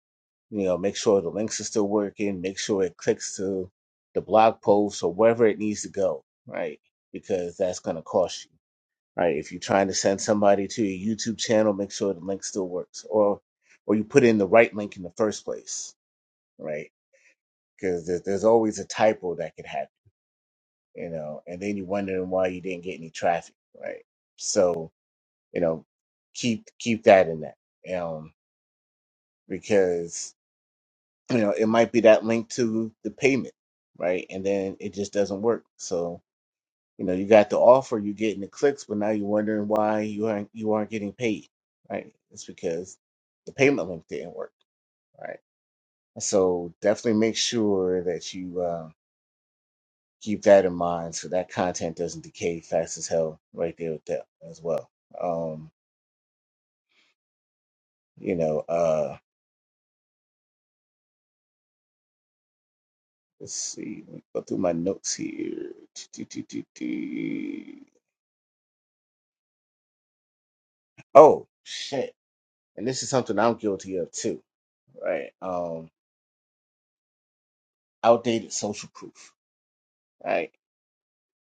Speaker 1: You know, make sure the links are still working, make sure it clicks to the blog post or wherever it needs to go, right? Because that's gonna cost you right? If you're trying to send somebody to your YouTube channel, make sure the link still works, or or you put in the right link in the first place, right? Because there, there's always a typo that could happen, you know, and then you're wondering why you didn't get any traffic, right? So you know, keep keep that in that, um, because you know it might be that link to the payment, right? And then it just doesn't work, so You know, you got the offer, you're getting the clicks, but now you're wondering why you aren't you aren't getting paid, right? It's because the payment link didn't work, right? So definitely make sure that you uh, keep that in mind so that content doesn't decay fast as hell right there with that as well. Um, you know, uh, let's see, let me go through my notes here. Oh shit! And this is something I'm guilty of too, right? Um, outdated social proof, right?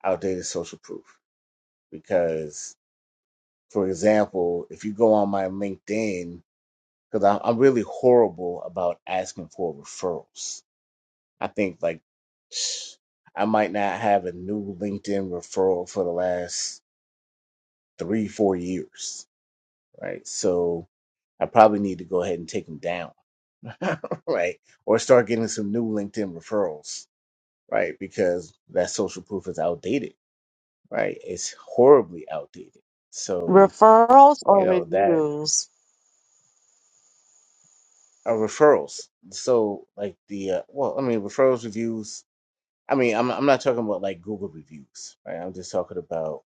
Speaker 1: outdated social proof because for example if you go on my linkedin because I'm, really horrible about asking for referrals i think like i might not have a new linkedin referral for the last three four years right so i probably need to go ahead and take them down right or start getting some new linkedin referrals right because that social proof is outdated right it's horribly outdated so
Speaker 3: Referrals
Speaker 1: you
Speaker 3: or
Speaker 1: know that
Speaker 3: reviews?
Speaker 1: uh, referrals. So like the uh, well, I mean referrals reviews. I mean, I'm I'm not talking about like Google reviews, right? I'm just talking about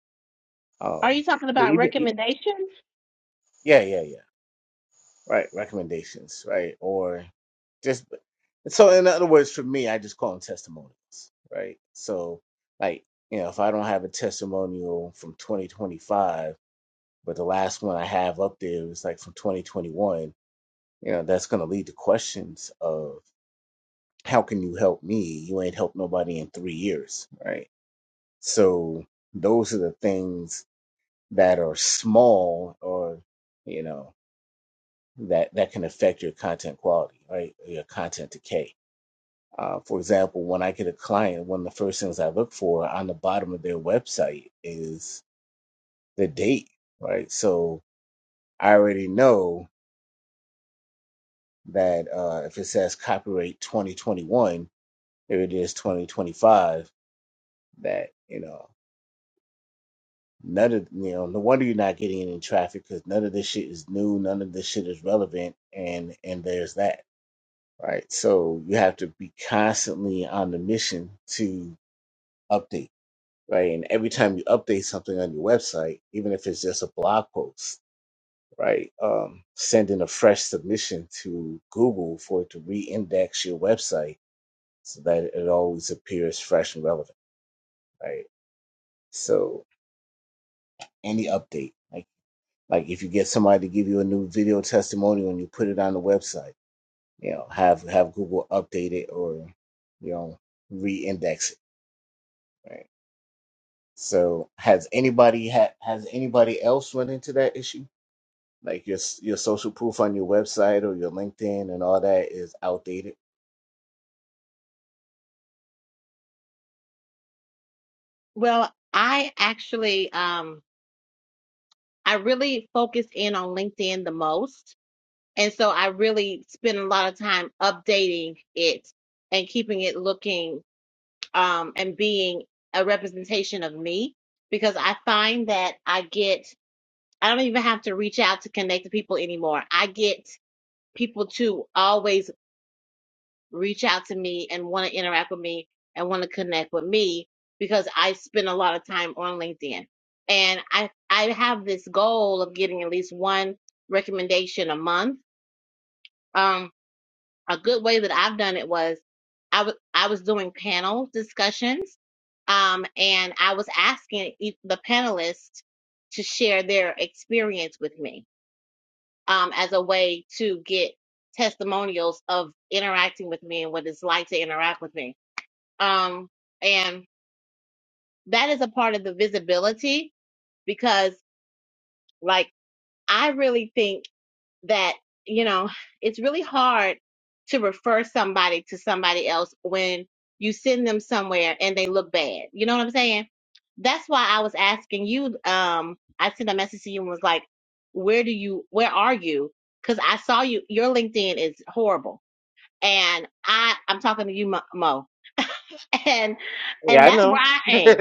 Speaker 2: Are
Speaker 1: um,
Speaker 2: you talking
Speaker 1: but
Speaker 2: about
Speaker 1: even e-
Speaker 2: recommendations?
Speaker 1: yeah, yeah, yeah, right. Recommendations, right? Or just so in other words, for me, I just call them testimonials, right? So like you know, if I don't have a testimonial from 2025, but the last one I have up there is like from 2021, you know, that's going to lead to questions of. how can you help me? You ain't helped nobody in three years, right? So those are the things that are small or, you know, that, that can affect your content quality, right? Your content decay. Uh, for example, when I get a client, one of the first things I look for on the bottom of their website is the date, right? So I already know that uh, if it says copyright 2021, if it is 2025, that, you know, None of you know, no wonder you're not getting any traffic because none of this shit is new, none of this shit is relevant, and and there's that, right? So you have to be constantly on the mission to update, right? And every time you update something on your website, even if it's just a blog post, right, um, send in a fresh submission to Google for it to re-index your website so that it always appears fresh and relevant, right? So any update. like if you get somebody to give you a new video testimonial and you put it on the website you know have have google update it or you know re-index it right so has anybody ha- has anybody else run into that issue like your s- your social proof on your website or your linkedin and all that is outdated
Speaker 2: Well, I actually um I really focus in on LinkedIn the most And so I really spend a lot of time updating it and keeping it looking um, and being a representation of me because I find that I get, I don't even have to reach out to connect to people anymore. I get people to always reach out to me and want to interact with me and want to connect with me because I spend a lot of time on LinkedIn. And I, I have this goal of getting at least one recommendation a month. Um, a good way that I've done it was I was I was doing panel discussions, um, and I was asking each, the panelists to share their experience with me, um, as a way to get testimonials of interacting with me and what it's like to interact with me. Um, and that is a part of the visibility because, like, I really think. that you know it's really hard to refer somebody to somebody else when you send them somewhere and they look bad you know what i'm saying that's why i was asking you um i sent a message to you and was like where do you where are you because i saw you your linkedin is horrible and i i'm talking to you mo Mo. and
Speaker 1: Yeah,
Speaker 2: and
Speaker 1: I
Speaker 2: that's where
Speaker 1: know.
Speaker 2: i am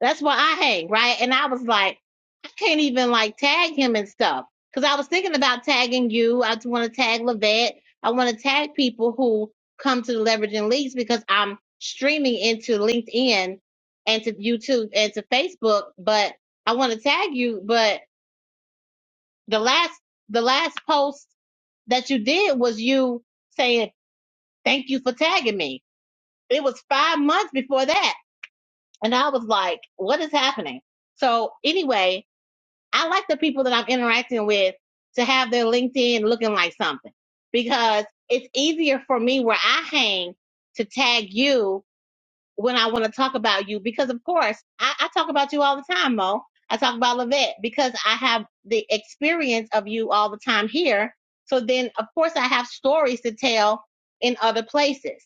Speaker 2: that's where I hang, right? And I was like, I can't even like tag him and stuff. Cause I was thinking about tagging you. I just want to tag Levette. I want to tag people who come to the Leveraging Leagues because I'm streaming into LinkedIn and to YouTube and to Facebook, but I want to tag you. But the last, the last post that you did was you saying, thank you for tagging me. It was five months before that. And I was like, what is happening? So anyway, I like the people that I'm interacting with to have their LinkedIn looking like something because it's easier for me where I hang to tag you when I want to talk about you. Because, of course, I, I talk about you all the time, Mo. I talk about Levette because I have the experience of you all the time here. So then, of course, I have stories to tell in other places.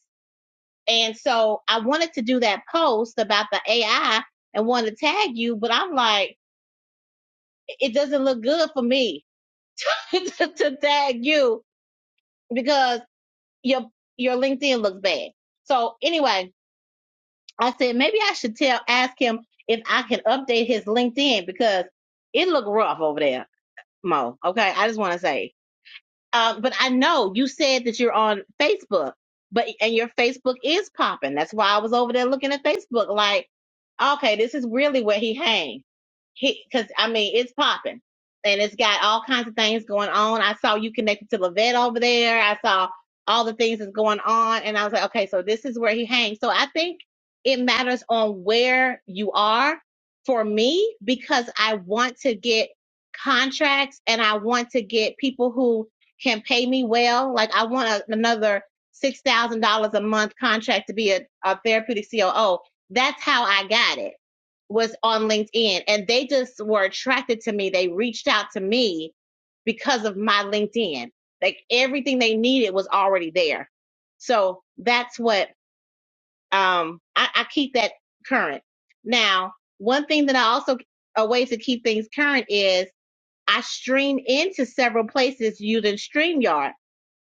Speaker 2: And so I wanted to do that post about the AI and wanted to tag you, but I'm like, it doesn't look good for me to, to tag you because your your LinkedIn looks bad. So anyway, I said maybe I should tell ask him if I can update his LinkedIn because it looked rough over there, Mo. Okay, I just want to say. Um, but I know you said that you're on Facebook, but and your Facebook is popping. That's why I was over there looking at Facebook, like, okay, this is really where he hangs. He, because I mean, it's popping, and it's got all kinds of things going on. I saw you connected to Levette over there. I saw all the things that's going on, and I was like, okay, so this is where he hangs. So I think it matters on where you are for me because I want to get contracts and I want to get people who can pay me well. Like I want a, another six thousand dollars a month contract to be a, a therapeutic COO. That's how I got it. Was on LinkedIn, and they just were attracted to me. They reached out to me because of my LinkedIn. Like everything they needed was already there. So that's what um, I, I keep that current. Now, one thing that I also a way to keep things current is I stream into several places using StreamYard.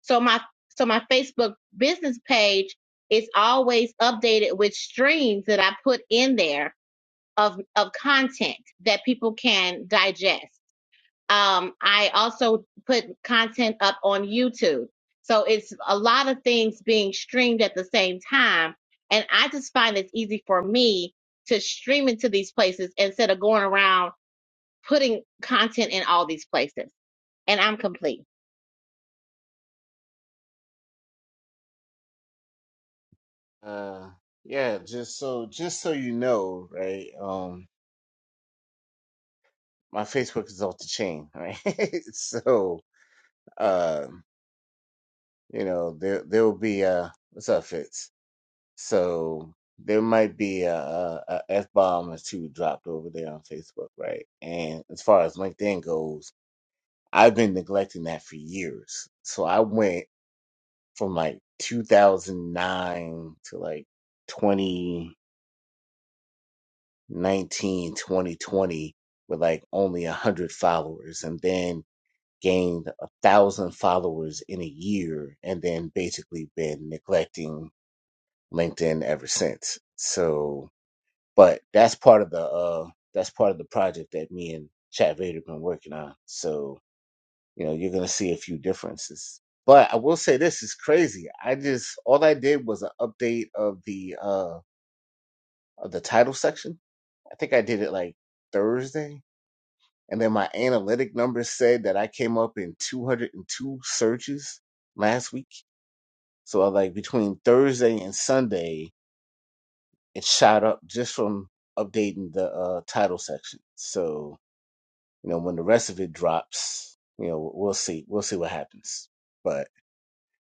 Speaker 2: So my so my Facebook business page is always updated with streams that I put in there of of content that people can digest. Um, I also put content up on YouTube. So it's a lot of things being streamed at the same time. And I just find it's easy for me to stream into these places instead of going around putting content in all these places and I'm complete.
Speaker 1: uh yeah just so just so you know right um my facebook is off the chain right so um you know there there will be a what's up Fitz so there might be a, a, a f bomb or two dropped over there on Facebook right and as far as LinkedIn goes I've been neglecting that for years so I went from like 2009 to like 2019 2020 with like only a hundred followers and then gained a thousand followers in a year and then basically been neglecting LinkedIn ever since. So, but that's part of the uh, that's part of the project that me and Chad Vader been working on. So, you know, you're gonna see a few differences. But I will say this is crazy. I just all I did was an update of the uh of the title section. I think I did it like Thursday, and then my analytic numbers said that I came up in 202 searches last week. So, I like between Thursday and Sunday, it shot up just from updating the uh, title section. So you know when the rest of it drops, you know we'll see we'll see what happens. But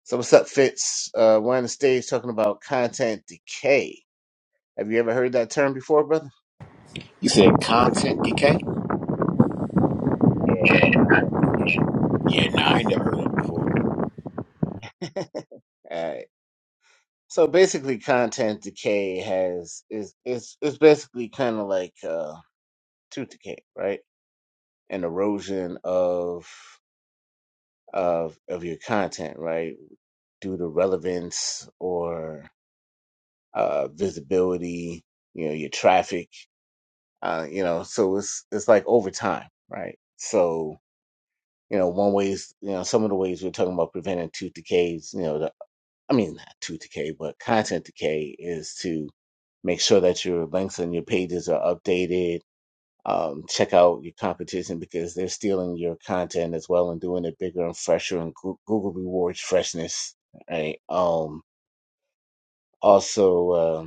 Speaker 1: so what's up, Fitz? Uh, we're on the stage talking about content decay. Have you ever heard that term before, brother?
Speaker 5: You said content DK?
Speaker 1: Yeah,
Speaker 5: Yeah,
Speaker 1: content
Speaker 5: yeah. nah, I ain't never heard of that before.
Speaker 1: decay. All right. So basically, content decay has is is is basically kind of like uh, tooth decay, right? An erosion of of of your content, right? due to relevance or uh, visibility, you know, your traffic, uh, you know, so it's it's like over time, right? So you know, one ways, you know, some of the ways we're talking about preventing tooth decays, you know, the, I mean, not tooth decay, but content decay is to make sure that your links and your pages are updated. Um, check out your competition because they're stealing your content as well and doing it bigger and fresher and Goo- Google rewards freshness, right? Um, also, um,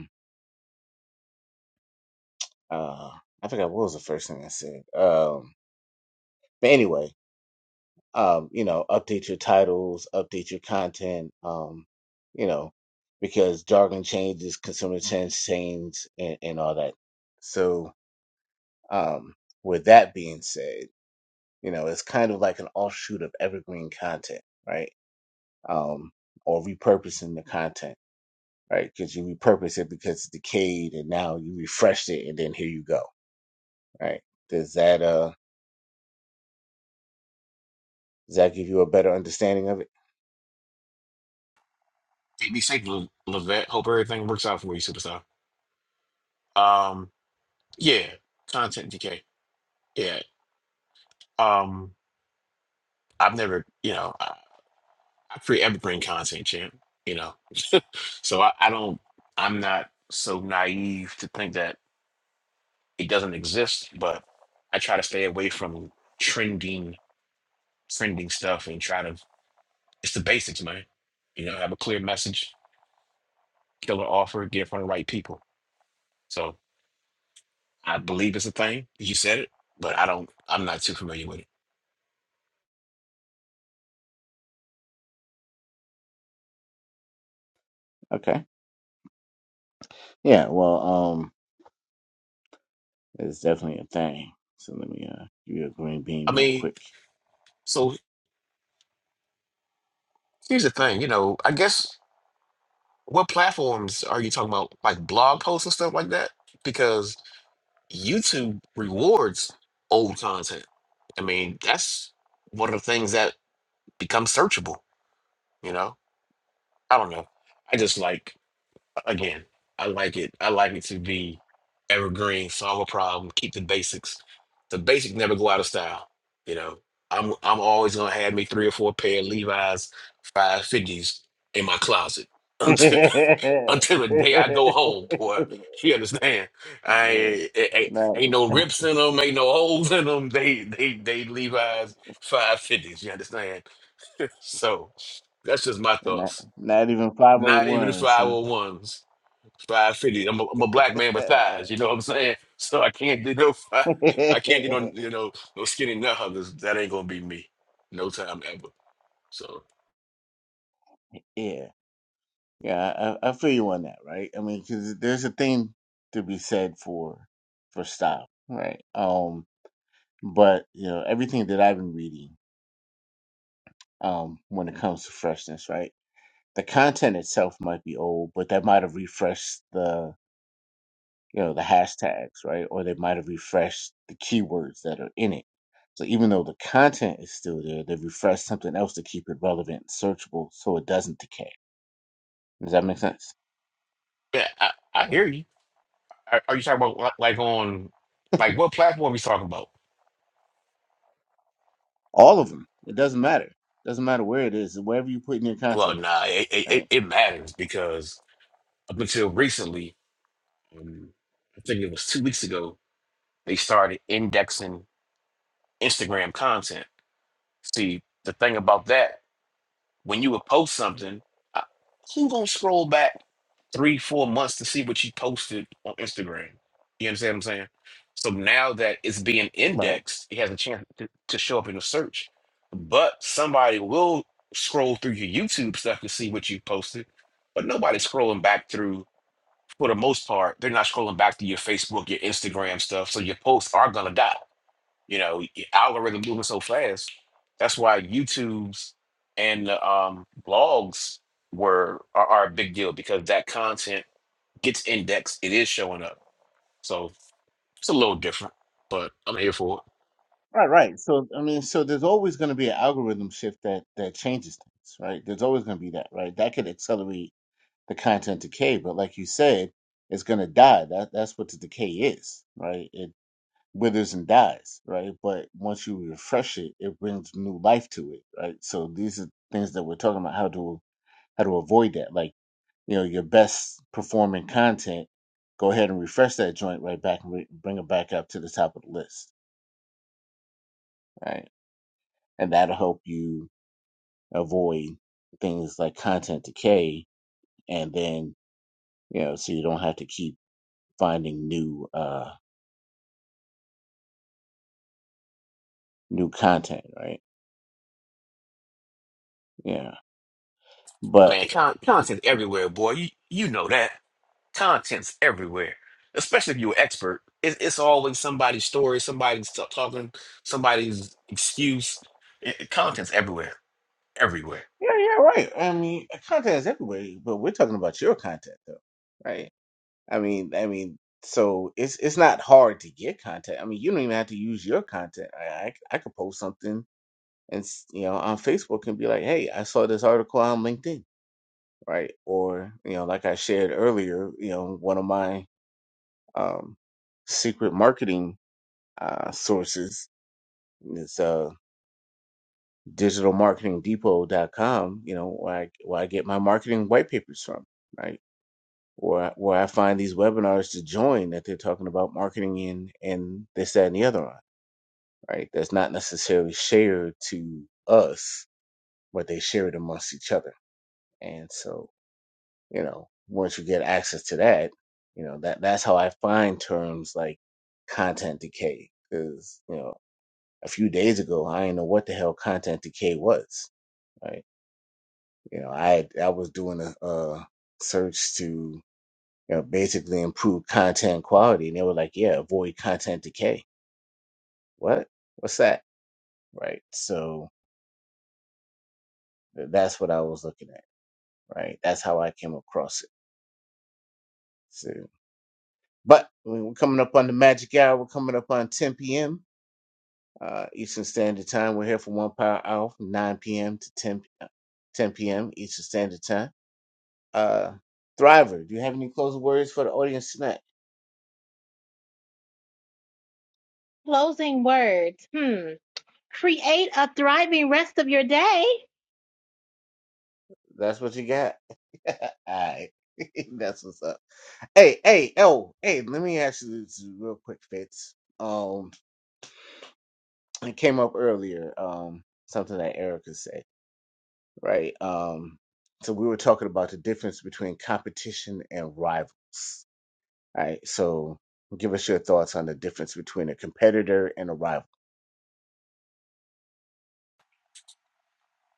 Speaker 1: Uh, I forgot what was the first thing I said. Um, but anyway, um, you know, update your titles, update your content. Um, you know, because jargon changes, consumer trends change, and, and all that. So, um, with that being said, you know, it's kind of like an offshoot of evergreen content, right? Um, or repurposing the content, right? Because you repurpose it because it decayed, and now you refreshed it, and then here you go, right? Does that uh? Does that give you a better understanding of it?
Speaker 5: Be be safe, Le- Levette. Hope everything works out for you, superstar. Um, yeah, content DK. Yeah. Um, I've never, you know, I, I create evergreen content, champ. You know, so I, I don't. I'm not so naive to think that it doesn't exist, but I try to stay away from trending, trending stuff, and try to. It's the basics, man. You know, have a clear message, killer offer, get in front of the right people. So I believe it's a thing. You said it, but I don't. I'm not too familiar with it.
Speaker 1: Okay. Yeah. Well, um, it's definitely a thing. So let me uh, give you a green
Speaker 5: I
Speaker 1: bean real
Speaker 5: mean,
Speaker 1: quick.
Speaker 5: so here's the thing. You know, I guess what platforms are you talking about? Like blog posts and stuff like that? Because YouTube rewards old content. I mean, that's one of the things that becomes searchable. You know, I don't know. I just like. again, I like it. I like it to be evergreen, solve a problem, keep the basics. The basics never go out of style. You know, I'm I'm always gonna have me three or four pair of Levi's five fifties in my closet until until the day I go home, boy. You understand? I ain't, ain't,
Speaker 1: not,
Speaker 5: ain't no rips in them, ain't no holes in them. They they they Levi's five fifties. You understand? So that's just my
Speaker 1: not,
Speaker 5: thoughts.
Speaker 1: not even five hundred
Speaker 5: Not even the
Speaker 1: ones,
Speaker 5: five
Speaker 1: huh?
Speaker 5: hundred ones five fifty. I'm a, I'm a black man with thighs. You know what I'm saying? So I can't do no five.
Speaker 1: yeah,
Speaker 5: I can't do no you know no skinny nut huggers. That ain't gonna be me. No time ever. So
Speaker 1: yeah. I, I I feel you on that, right? I mean, because there's a thing to be said for for style, right? Um, but you know, everything that I've been reading, um, when it comes to freshness, right? the content itself might be old, but that might have refreshed the you know the hashtags, right? Or they might have refreshed the keywords that are in it. So even though the content is still there, they refresh something else to keep it relevant and searchable, so it doesn't decay. Does that make sense?
Speaker 5: yeah, I, I hear you. Are, are you talking about li- like on like what platform we talking about?
Speaker 1: All of them. It doesn't matter. doesn't matter where it is, wherever you put in your
Speaker 5: Well,
Speaker 1: content,
Speaker 5: nah, it it, it
Speaker 1: right?
Speaker 5: it matters because up until recently, um, I think it was two weeks ago, they started indexing Instagram content. See, the thing about that When you would post something, I- who gonna scroll back three, four months to see what you posted on Instagram? You understand what I'm saying? So now that it's being
Speaker 1: Right.
Speaker 5: indexed, it has a chance to, to show up in the search. But somebody will scroll through your YouTube stuff to see what you posted, but nobody's scrolling back through. For the most part, they're not scrolling back to your Facebook, your Instagram stuff. So your posts are gonna die. You know, y- algorithm moving so fast. That's why YouTube's and the, um, blogs were are, are a big deal because that content gets indexed. It is showing up, so it's a little different. But I'm here for
Speaker 1: Right. Right. So I mean, so there's always going to be an algorithm shift that that changes things, right? There's always going to be that, right? That could accelerate the content decay. But like you said, it's gonna die. That that's what the decay is, right? It withers and dies, right? But once you refresh it, it brings new life to it, right? So these are things that we're talking about how to how to avoid that. Like you know, your best performing content, go ahead and refresh that joint right back and re- bring it back up to the top of the list, right? And that'll help you avoid things like content decay, and then you know, so you don't have to keep finding new. uh new content, right? Yeah.
Speaker 5: it,
Speaker 1: But
Speaker 5: man. Con- content's everywhere, boy. You you know that content's everywhere, especially if you're an expert. It's, it's always somebody's story, somebody's t- talking, somebody's excuse. It- it- content's everywhere, everywhere.
Speaker 1: yeah, yeah, right. I mean, content is everywhere, but we're talking about your content though, right? I mean, I mean, so it's it's not hard to get content. I mean, you don't even have to use your content. I I, c- I could post something and s- you know on Facebook and be like, hey, I saw this article on LinkedIn, right? Or you know, like I shared earlier, you know, one of my um secret marketing uh sources is uh, digitalmarketingdepot.com, you know, where I, where I get my marketing white papers from, right? Where, where I find these webinars to join that they're talking about marketing in and this, that, and the other one, right? That's not necessarily shared to us, but they share it amongst each other. And so, you know, once you get access to that, you know, that that's how I find terms like content decay. Cause, you know, a few days ago, I didn't know what the hell content decay was, right? you know i had- i was doing a, uh search to you know basically improve content quality and they were like yeah avoid content decay what what's that right so th- that's what i was looking at right that's how i came across it so but I mean, we're coming up on the magic hour we're coming up on 10 p.m uh eastern standard time we're here for one power hour from 9 p.m to 10 p- uh, 10 p.m eastern standard time uh thriver do you have any closing words for the audience tonight
Speaker 2: Closing words. Hmm. Create a thriving rest of your day.
Speaker 1: That's what you got. All right. That's what's up. Hey, hey, oh, hey, let me ask you this real quick, Fitz. Um, it came up earlier, um, something that Erica said, right? Um, so we were talking about the difference between competition and rivals. All right. So give us your thoughts on the difference between a competitor and a rival.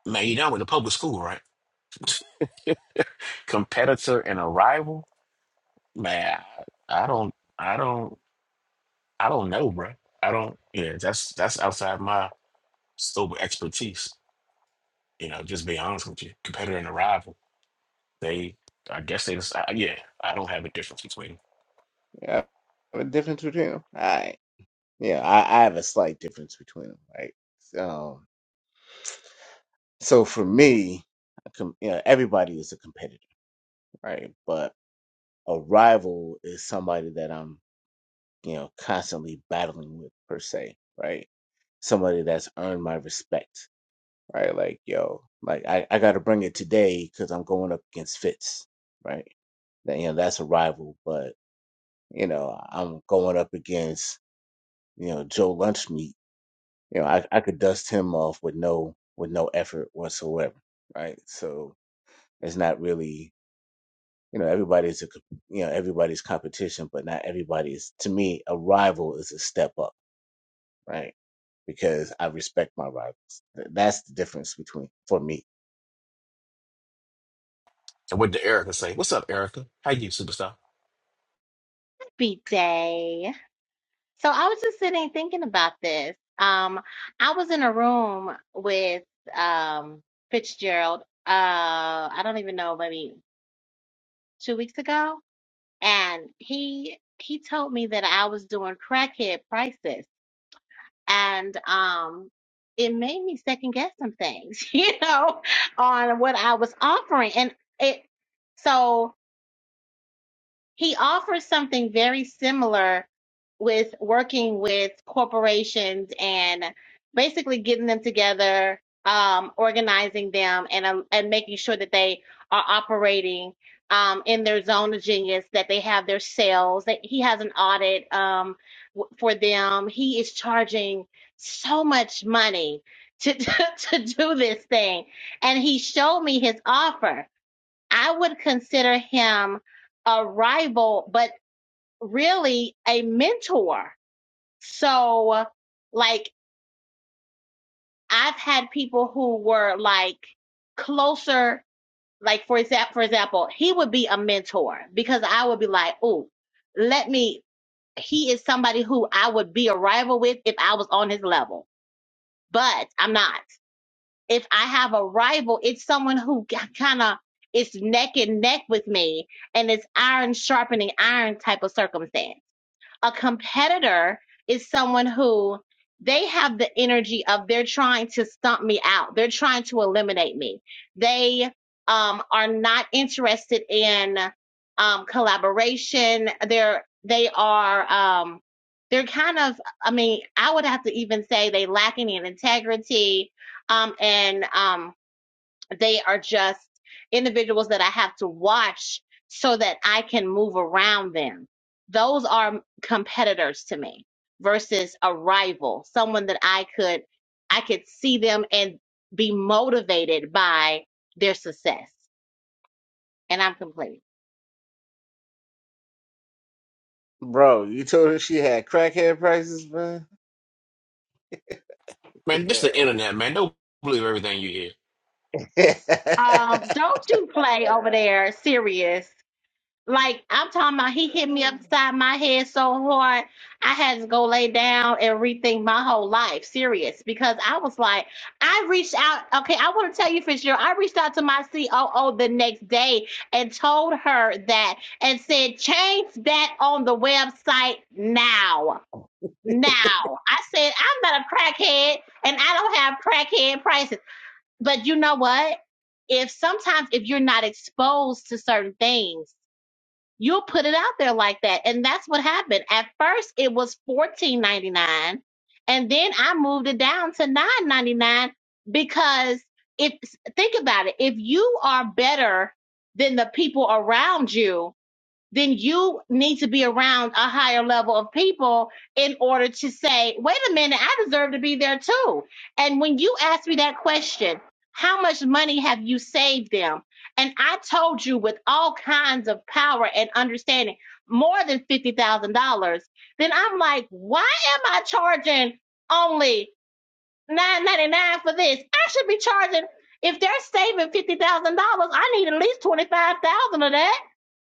Speaker 5: Man, you know I'm in the public school, right? competitor and a rival, man, I, I don't, I don't, I don't know, bro. I don't. Yeah, that's that's outside my scope of expertise. You know, just be honest with you. Competitor and a rival, they, I guess they just, I, yeah, I don't have a difference between. Them.
Speaker 1: Yeah. The difference between them. All right. Yeah, I, I have a slight difference between them, right? So So for me, I com- you know, everybody is a competitor, right? But a rival is somebody that I'm, you know, constantly battling with per se, right? Somebody that's earned my respect, right? Like, yo, like I, I got to bring it today because I'm going up against Fitz, right? That, you know, that's a rival, but you know, I'm going up against, you know, Joe Lunchmeat. You know, I, I could dust him off with no with no effort whatsoever, right? So it's not really you know everybody's a you know everybody's competition but not everybody's to me a rival is a step up right because i respect my rivals Th- that's the difference between for me
Speaker 5: And what did Erica say? What's up, Erica? How you, superstar?
Speaker 2: Happy day. So I was just sitting thinking about this. Um, I was in a room with um Fitzgerald. Uh, I don't even know, maybe two weeks ago, and he he told me that I was doing crackhead prices. and um it made me second guess some things you know on what i was offering and it so he offers something very similar with working with corporations and basically getting them together, um, organizing them, and um, and making sure that they are operating um, in their zone of genius, that they have their sales. That he has an audit um, w- for them. He is charging so much money to to do this thing, and he showed me his offer I would consider him a rival, but really a mentor. So, like, I've had people who were like closer, like for example, for example, he would be a mentor because I would be like, "Oh, let me." He is somebody who I would be a rival with if I was on his level, but I'm not. if I have a rival, it's someone who kind of is neck and neck with me, and it's iron sharpening iron type of circumstance. A competitor is someone who they have the energy of they're trying to stump me out. They're trying to eliminate me. They um, are not interested in um, collaboration. They're they are um, they're kind of I mean I would have to even say they lacking in integrity um, and um, they are just individuals that I have to watch so that I can move around them. Those are competitors to me versus a rival, someone that I could I could see them and be motivated by their success. And I'm complete.
Speaker 1: bro you told her she had crackhead prices man
Speaker 5: Man, this the
Speaker 1: yeah
Speaker 5: internet, man. Don't believe everything you hear.
Speaker 2: Um, don't you play over there serious. Like I'm talking about, he hit me upside my head so hard, I had to go lay down and rethink my whole life. Serious, because I was like, I reached out. Okay, I want to tell you, Fitzgerald, I reached out to my COO the next day and told her that, and said, change that on the website now. Now, I said, I'm not a crackhead, and I don't have crackhead prices. But you know what? If sometimes if you're not exposed to certain things You'll put it out there like that. And that's what happened. At first it was fourteen ninety nine. And then I moved it down to nine ninety nine because if think about it, if you are better than the people around you, then you need to be around a higher level of people in order to say, wait a minute, I deserve to be there too. And when you asked me that question, how much money have you saved them? And I told you with all kinds of power and understanding, more than $50,000, then I'm like, why am I charging only nine ninety nine for this? I should be charging, if they're saving $50,000, I need at least 25000 of that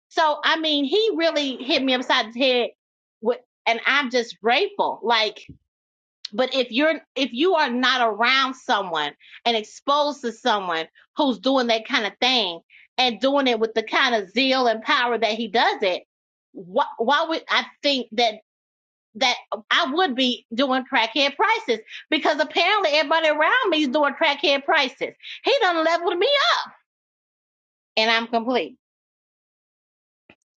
Speaker 2: so I mean, he really hit me upside the head with and I'm just grateful. Like, but if you're if you are not around someone and exposed to someone who's doing that kind of thing and doing it with the kind of zeal and power that he does it, why, why would I think that that I would be doing crackhead prices? Because apparently everybody around me is doing crackhead prices. He done leveled me up, and I'm complete.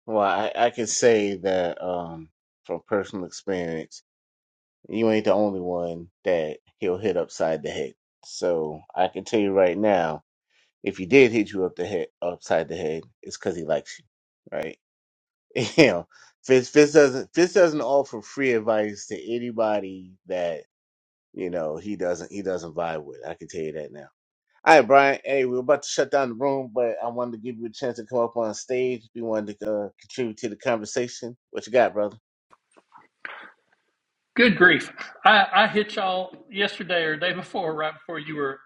Speaker 1: well I, I can say that um from personal experience you ain't the only one that he'll hit upside the head so i can tell you right now If he did hit you up the head, upside the head, it's because he likes you, right? You know, Fitz, Fitz doesn't Fitz doesn't offer free advice to anybody that you know he doesn't he doesn't vibe with. I can tell you that now. All right, Brian. Hey, we're about to shut down the room, but I wanted to give you a chance to come up on stage. We wanted to uh, contribute to the conversation, what you got, brother?
Speaker 6: Good grief. I, I hit y'all yesterday or day before, right before you were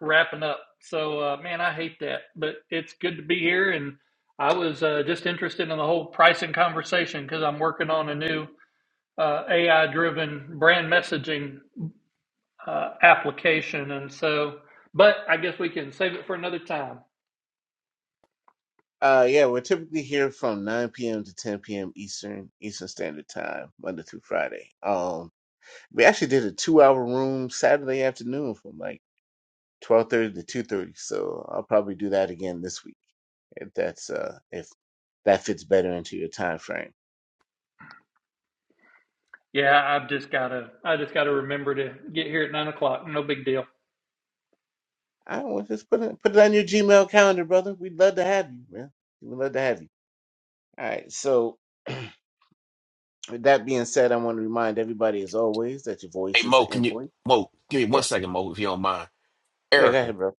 Speaker 6: wrapping up. So, uh, man, I hate that, but it's good to be here. And I was uh, just interested in the whole pricing conversation because I'm working on a new uh, AI driven brand messaging uh, application. And so, but I guess we can save it for another time.
Speaker 1: Uh, yeah, we're typically here from 9 p.m. to 10 p.m. Eastern Eastern Standard Time, Monday through Friday. Um, We actually did a two hour room Saturday afternoon from like twelve thirty to two thirty. So I'll probably do that again this week if that's uh if that fits better into your time frame.
Speaker 6: Yeah, I've just got to, I just got to remember to get here at nine o'clock. No big deal.
Speaker 1: I don't want just put it put it on your Gmail calendar, brother. We'd love to have you, man. We'd love to have you. All right. So with that being said, I want to remind everybody as always that your
Speaker 5: Hey,
Speaker 1: voice is
Speaker 5: Mo,
Speaker 1: an
Speaker 5: can you,
Speaker 1: invoice.
Speaker 5: Mo, give me one
Speaker 1: Yeah.
Speaker 5: second, Mo, if you don't mind.
Speaker 1: Yeah, go
Speaker 5: Erica,
Speaker 1: ahead, bro.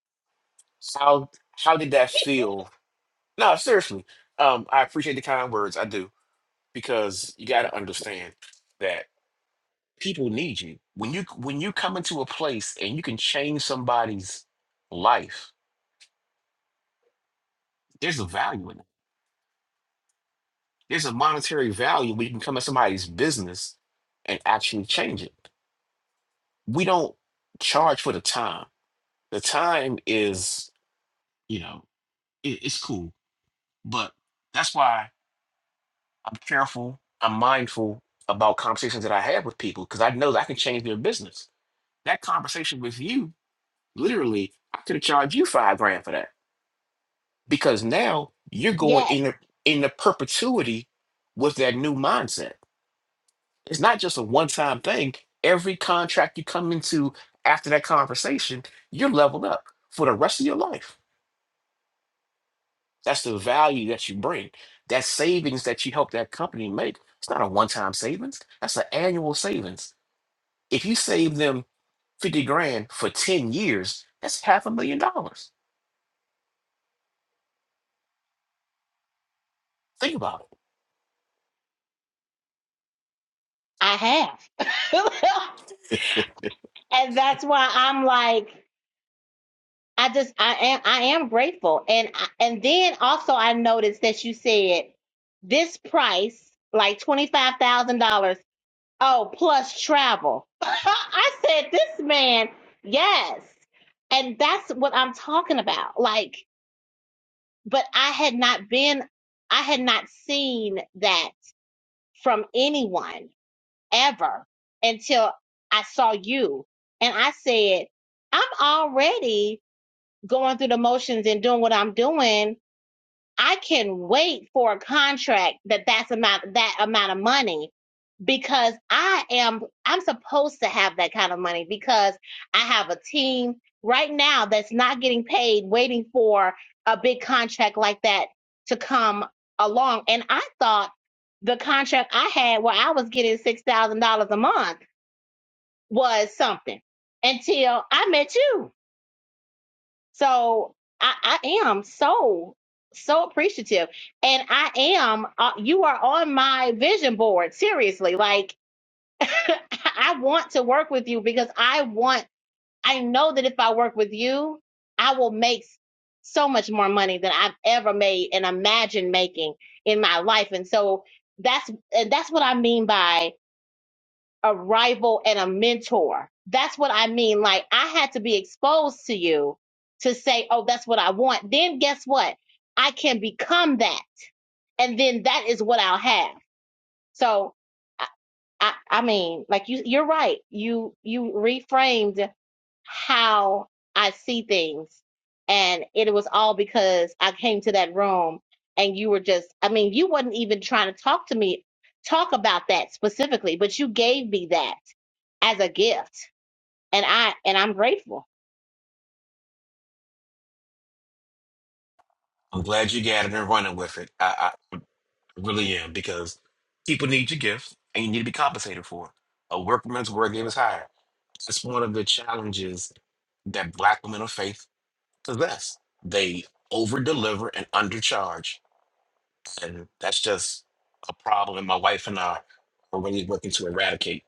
Speaker 5: how how did that feel? No, seriously. Um, I appreciate the kind words. I do. because you got to understand that people need you when you when you come into a place and you can change somebody's life there's a value in it there's a monetary value when you can come at somebody's business and actually change it we don't charge for the time the time is you know it, it's cool but that's why i'm careful i'm mindful about conversations that i have with people because i know that i can change their business that conversation with you Literally, I could have charged you five grand for that because now you're going
Speaker 2: Yes,
Speaker 5: in the, in the perpetuity with that new mindset. It's not just a one time thing. Every contract you come into after that conversation, you're leveled up for the rest of your life. That's the value that you bring. That savings that you help that company make. It's not a one time savings. That's an annual savings. If you save them 50 grand for 10 years, that's half a million dollars. Think about it.
Speaker 2: I have. and that's why I'm like, I just, I am, I am grateful. And, I- and then also I noticed that you said this price, like $25,000. Oh, plus travel. I said, this man, yes. And that's what I'm talking about. Like, but I had not been, I had not seen that from anyone ever until I saw you. And I said, I'm already going through the motions and doing what I'm doing, I can wait for a contract that that's amount that amount of money because I am I'm supposed to have that kind of money because I have a team right now that's not getting paid waiting for a big contract like that to come along and I thought the contract I had where I was getting $6,000 a month was something until I met you so I, I am so, so appreciative. And I am, uh, you are on my vision board, seriously. Like, I want to work with you because I want, I know that if I work with you, I will make so much more money than I've ever made and imagine making in my life. And so that's, and that's what I mean by a rival and a mentor. That's what I mean. Like I had to be exposed to you to say, oh, that's what I want. Then guess what? I can become that. And then that is what I'll have. So I, I, I mean, like you, you're right. You, you reframed how I see things. And it was all because I came to that room and you were just, I mean, you wasn't even trying to talk to me, talk about that specifically, but you gave me that as a gift and i and i'm grateful
Speaker 5: I'm glad you got it and running with it. I, I really am because people need your gift and you need to be compensated for it. A workman's work is higher. It's one of the challenges that black women of faith possess. They over deliver and undercharge. And that's just a problem my wife and I are really working to eradicate.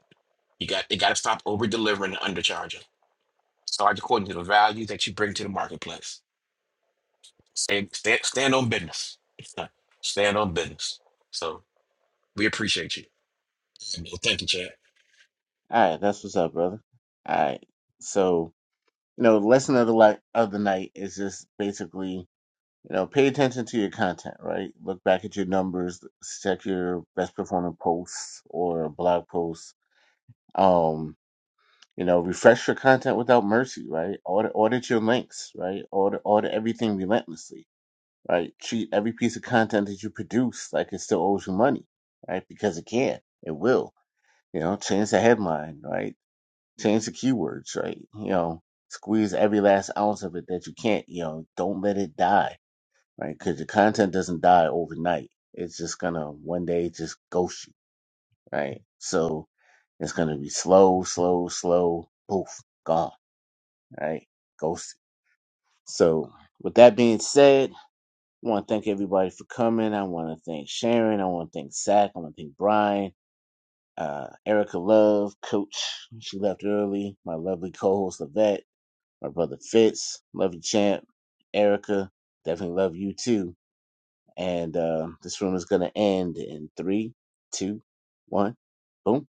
Speaker 5: You got you gotta stop over delivering and undercharging. Start according to the value that you bring to the marketplace. Stay, stand, stand on business. Stand on business. So We appreciate you. Well, thank you, Chad.
Speaker 1: All right, that's what's up, brother. All right. So, you know, lesson of the li- of the night is just basically You know, pay attention to your content, right? Look back at your numbers, check your best performing posts or blog posts. Um, you know, refresh your content without mercy, right? Audit, audit your links, right? Audit, audit everything relentlessly, right? Treat every piece of content that you produce like it still owes you money, right? Because it can, it will. You know, change the headline, right? Change the keywords, right? You know, squeeze every last ounce of it that you can't. You know, don't let it die right? Because your content doesn't die overnight. It's just gonna one day just ghost you, right? So it's gonna be slow, slow, slow, poof, gone, right? Ghosted. So with that being said, I want to thank everybody for coming. I want to thank Sharon. I want to thank Zach. I want to thank Brian, uh, Erica Love, Coach. She left early. My lovely co-host Levette, my brother Fitz, love you, champ. Erica, definitely love you too And uh, this room is going to end in three, two, one. Boom.